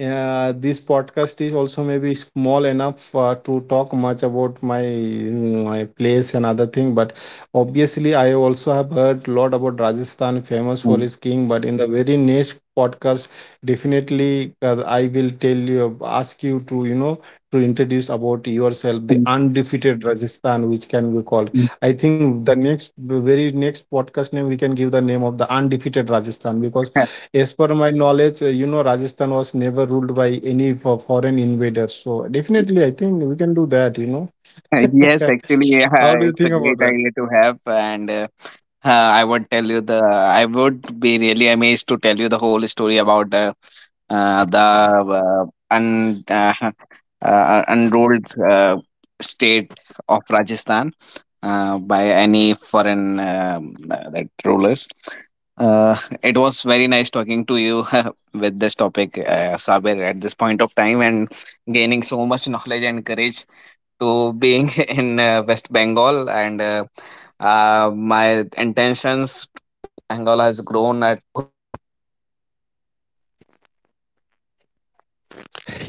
uh, This podcast is also maybe small enough to talk much about my, my place and other thing, but obviously I also have heard a lot about Rajasthan famous for Um, its king. But in the very next podcast, definitely I will tell you ask you to, you know, to introduce about yourself the um, undefeated Rajasthan, which can be called. um, I think the next very next podcast name we can give the name of the undefeated Rajasthan, because as per my knowledge, you know, Rajasthan was never ruled by any foreign invaders. So definitely, I think we can do that, you know. <laughs> yes, <laughs> actually, How do you it's think a about great that? idea to have, and I would tell you the. I would be really amazed to tell you the whole story about uh, the uh, un, uh, <laughs> unrolled state of Rajasthan by any foreign that rulers. Uh, it was very nice talking to you <laughs> with this topic, Sabir, at this point of time and gaining so much knowledge and courage to being <laughs> in West Bengal. And my intentions to Bengal has grown at.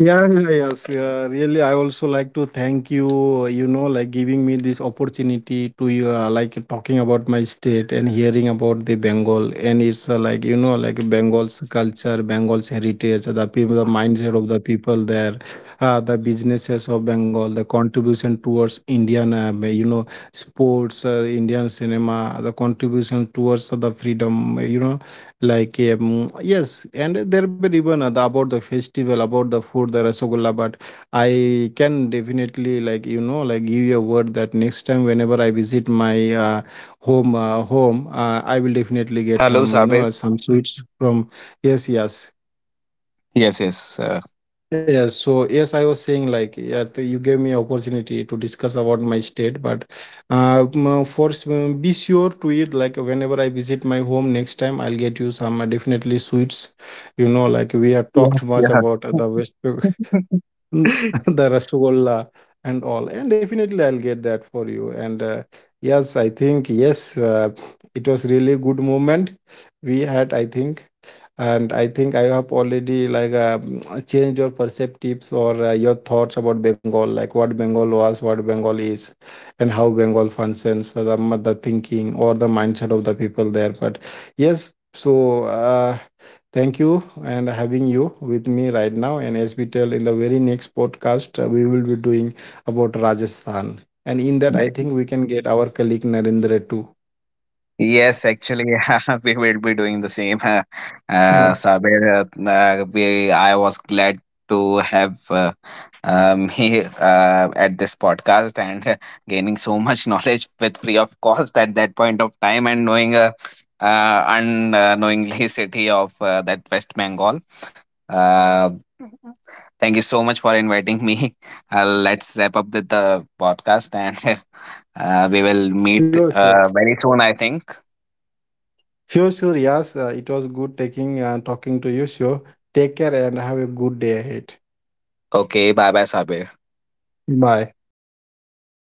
Yeah, yeah, yes. Yeah, really, I also like to thank you, you know, like giving me this opportunity to, like, talking about my state and hearing about the Bengal. And it's like, you know, like Bengal's culture, Bengal's heritage, the people, the mindset of the people there, the businesses of Bengal, the contribution towards Indian, you know, sports, Indian cinema, the contribution towards the freedom, you know, like yes, and there were even other- about the festival, about the food, the rasagolla. But I can definitely, like, you know, like give you a word that next time whenever I visit my home, Hello, I will Sabir. definitely get some, you know, some sweets from yes, Yes, yes. yes. Yes, so yes, I was saying like yeah, you gave me opportunity to discuss about my state, but be sure to eat like whenever I visit my home next time, I'll get you some definitely sweets. You know, like we have talked Yeah, much about the West. <laughs> Mm, <laughs> the rasgulla and all, and definitely I'll get that for you. And yes, I think yes, it was really good moment we had, I think. And I think I have already like <tsk> changed your perceptives or your thoughts about Bengal, like what Bengal was, what Bengal is, and how Bengal functions, the thinking or the mindset of the people there. But yes, so thank you and having you with me right now. And as we tell in the very next podcast, we will be doing about Rajasthan. And in yeah. that, I think we can get our colleague Narendra too. Yes, actually, <laughs> we will be doing the same. <laughs> Oh, Sabir, we I was glad to have me <laughs> at this podcast and <laughs> gaining so much <laughs> knowledge with free of cost at that point of time and knowing unknowingly <laughs> city of that West Bengal. Uh, Thank you so much for inviting me. <laughs> Let's wrap up with the podcast and <laughs> we will meet sure, sure, very soon, I think. sure, sure. Yes, it was good taking talking to you. Sure. Take care and have a good day ahead. Okay, bye bye, Sabe. Bye.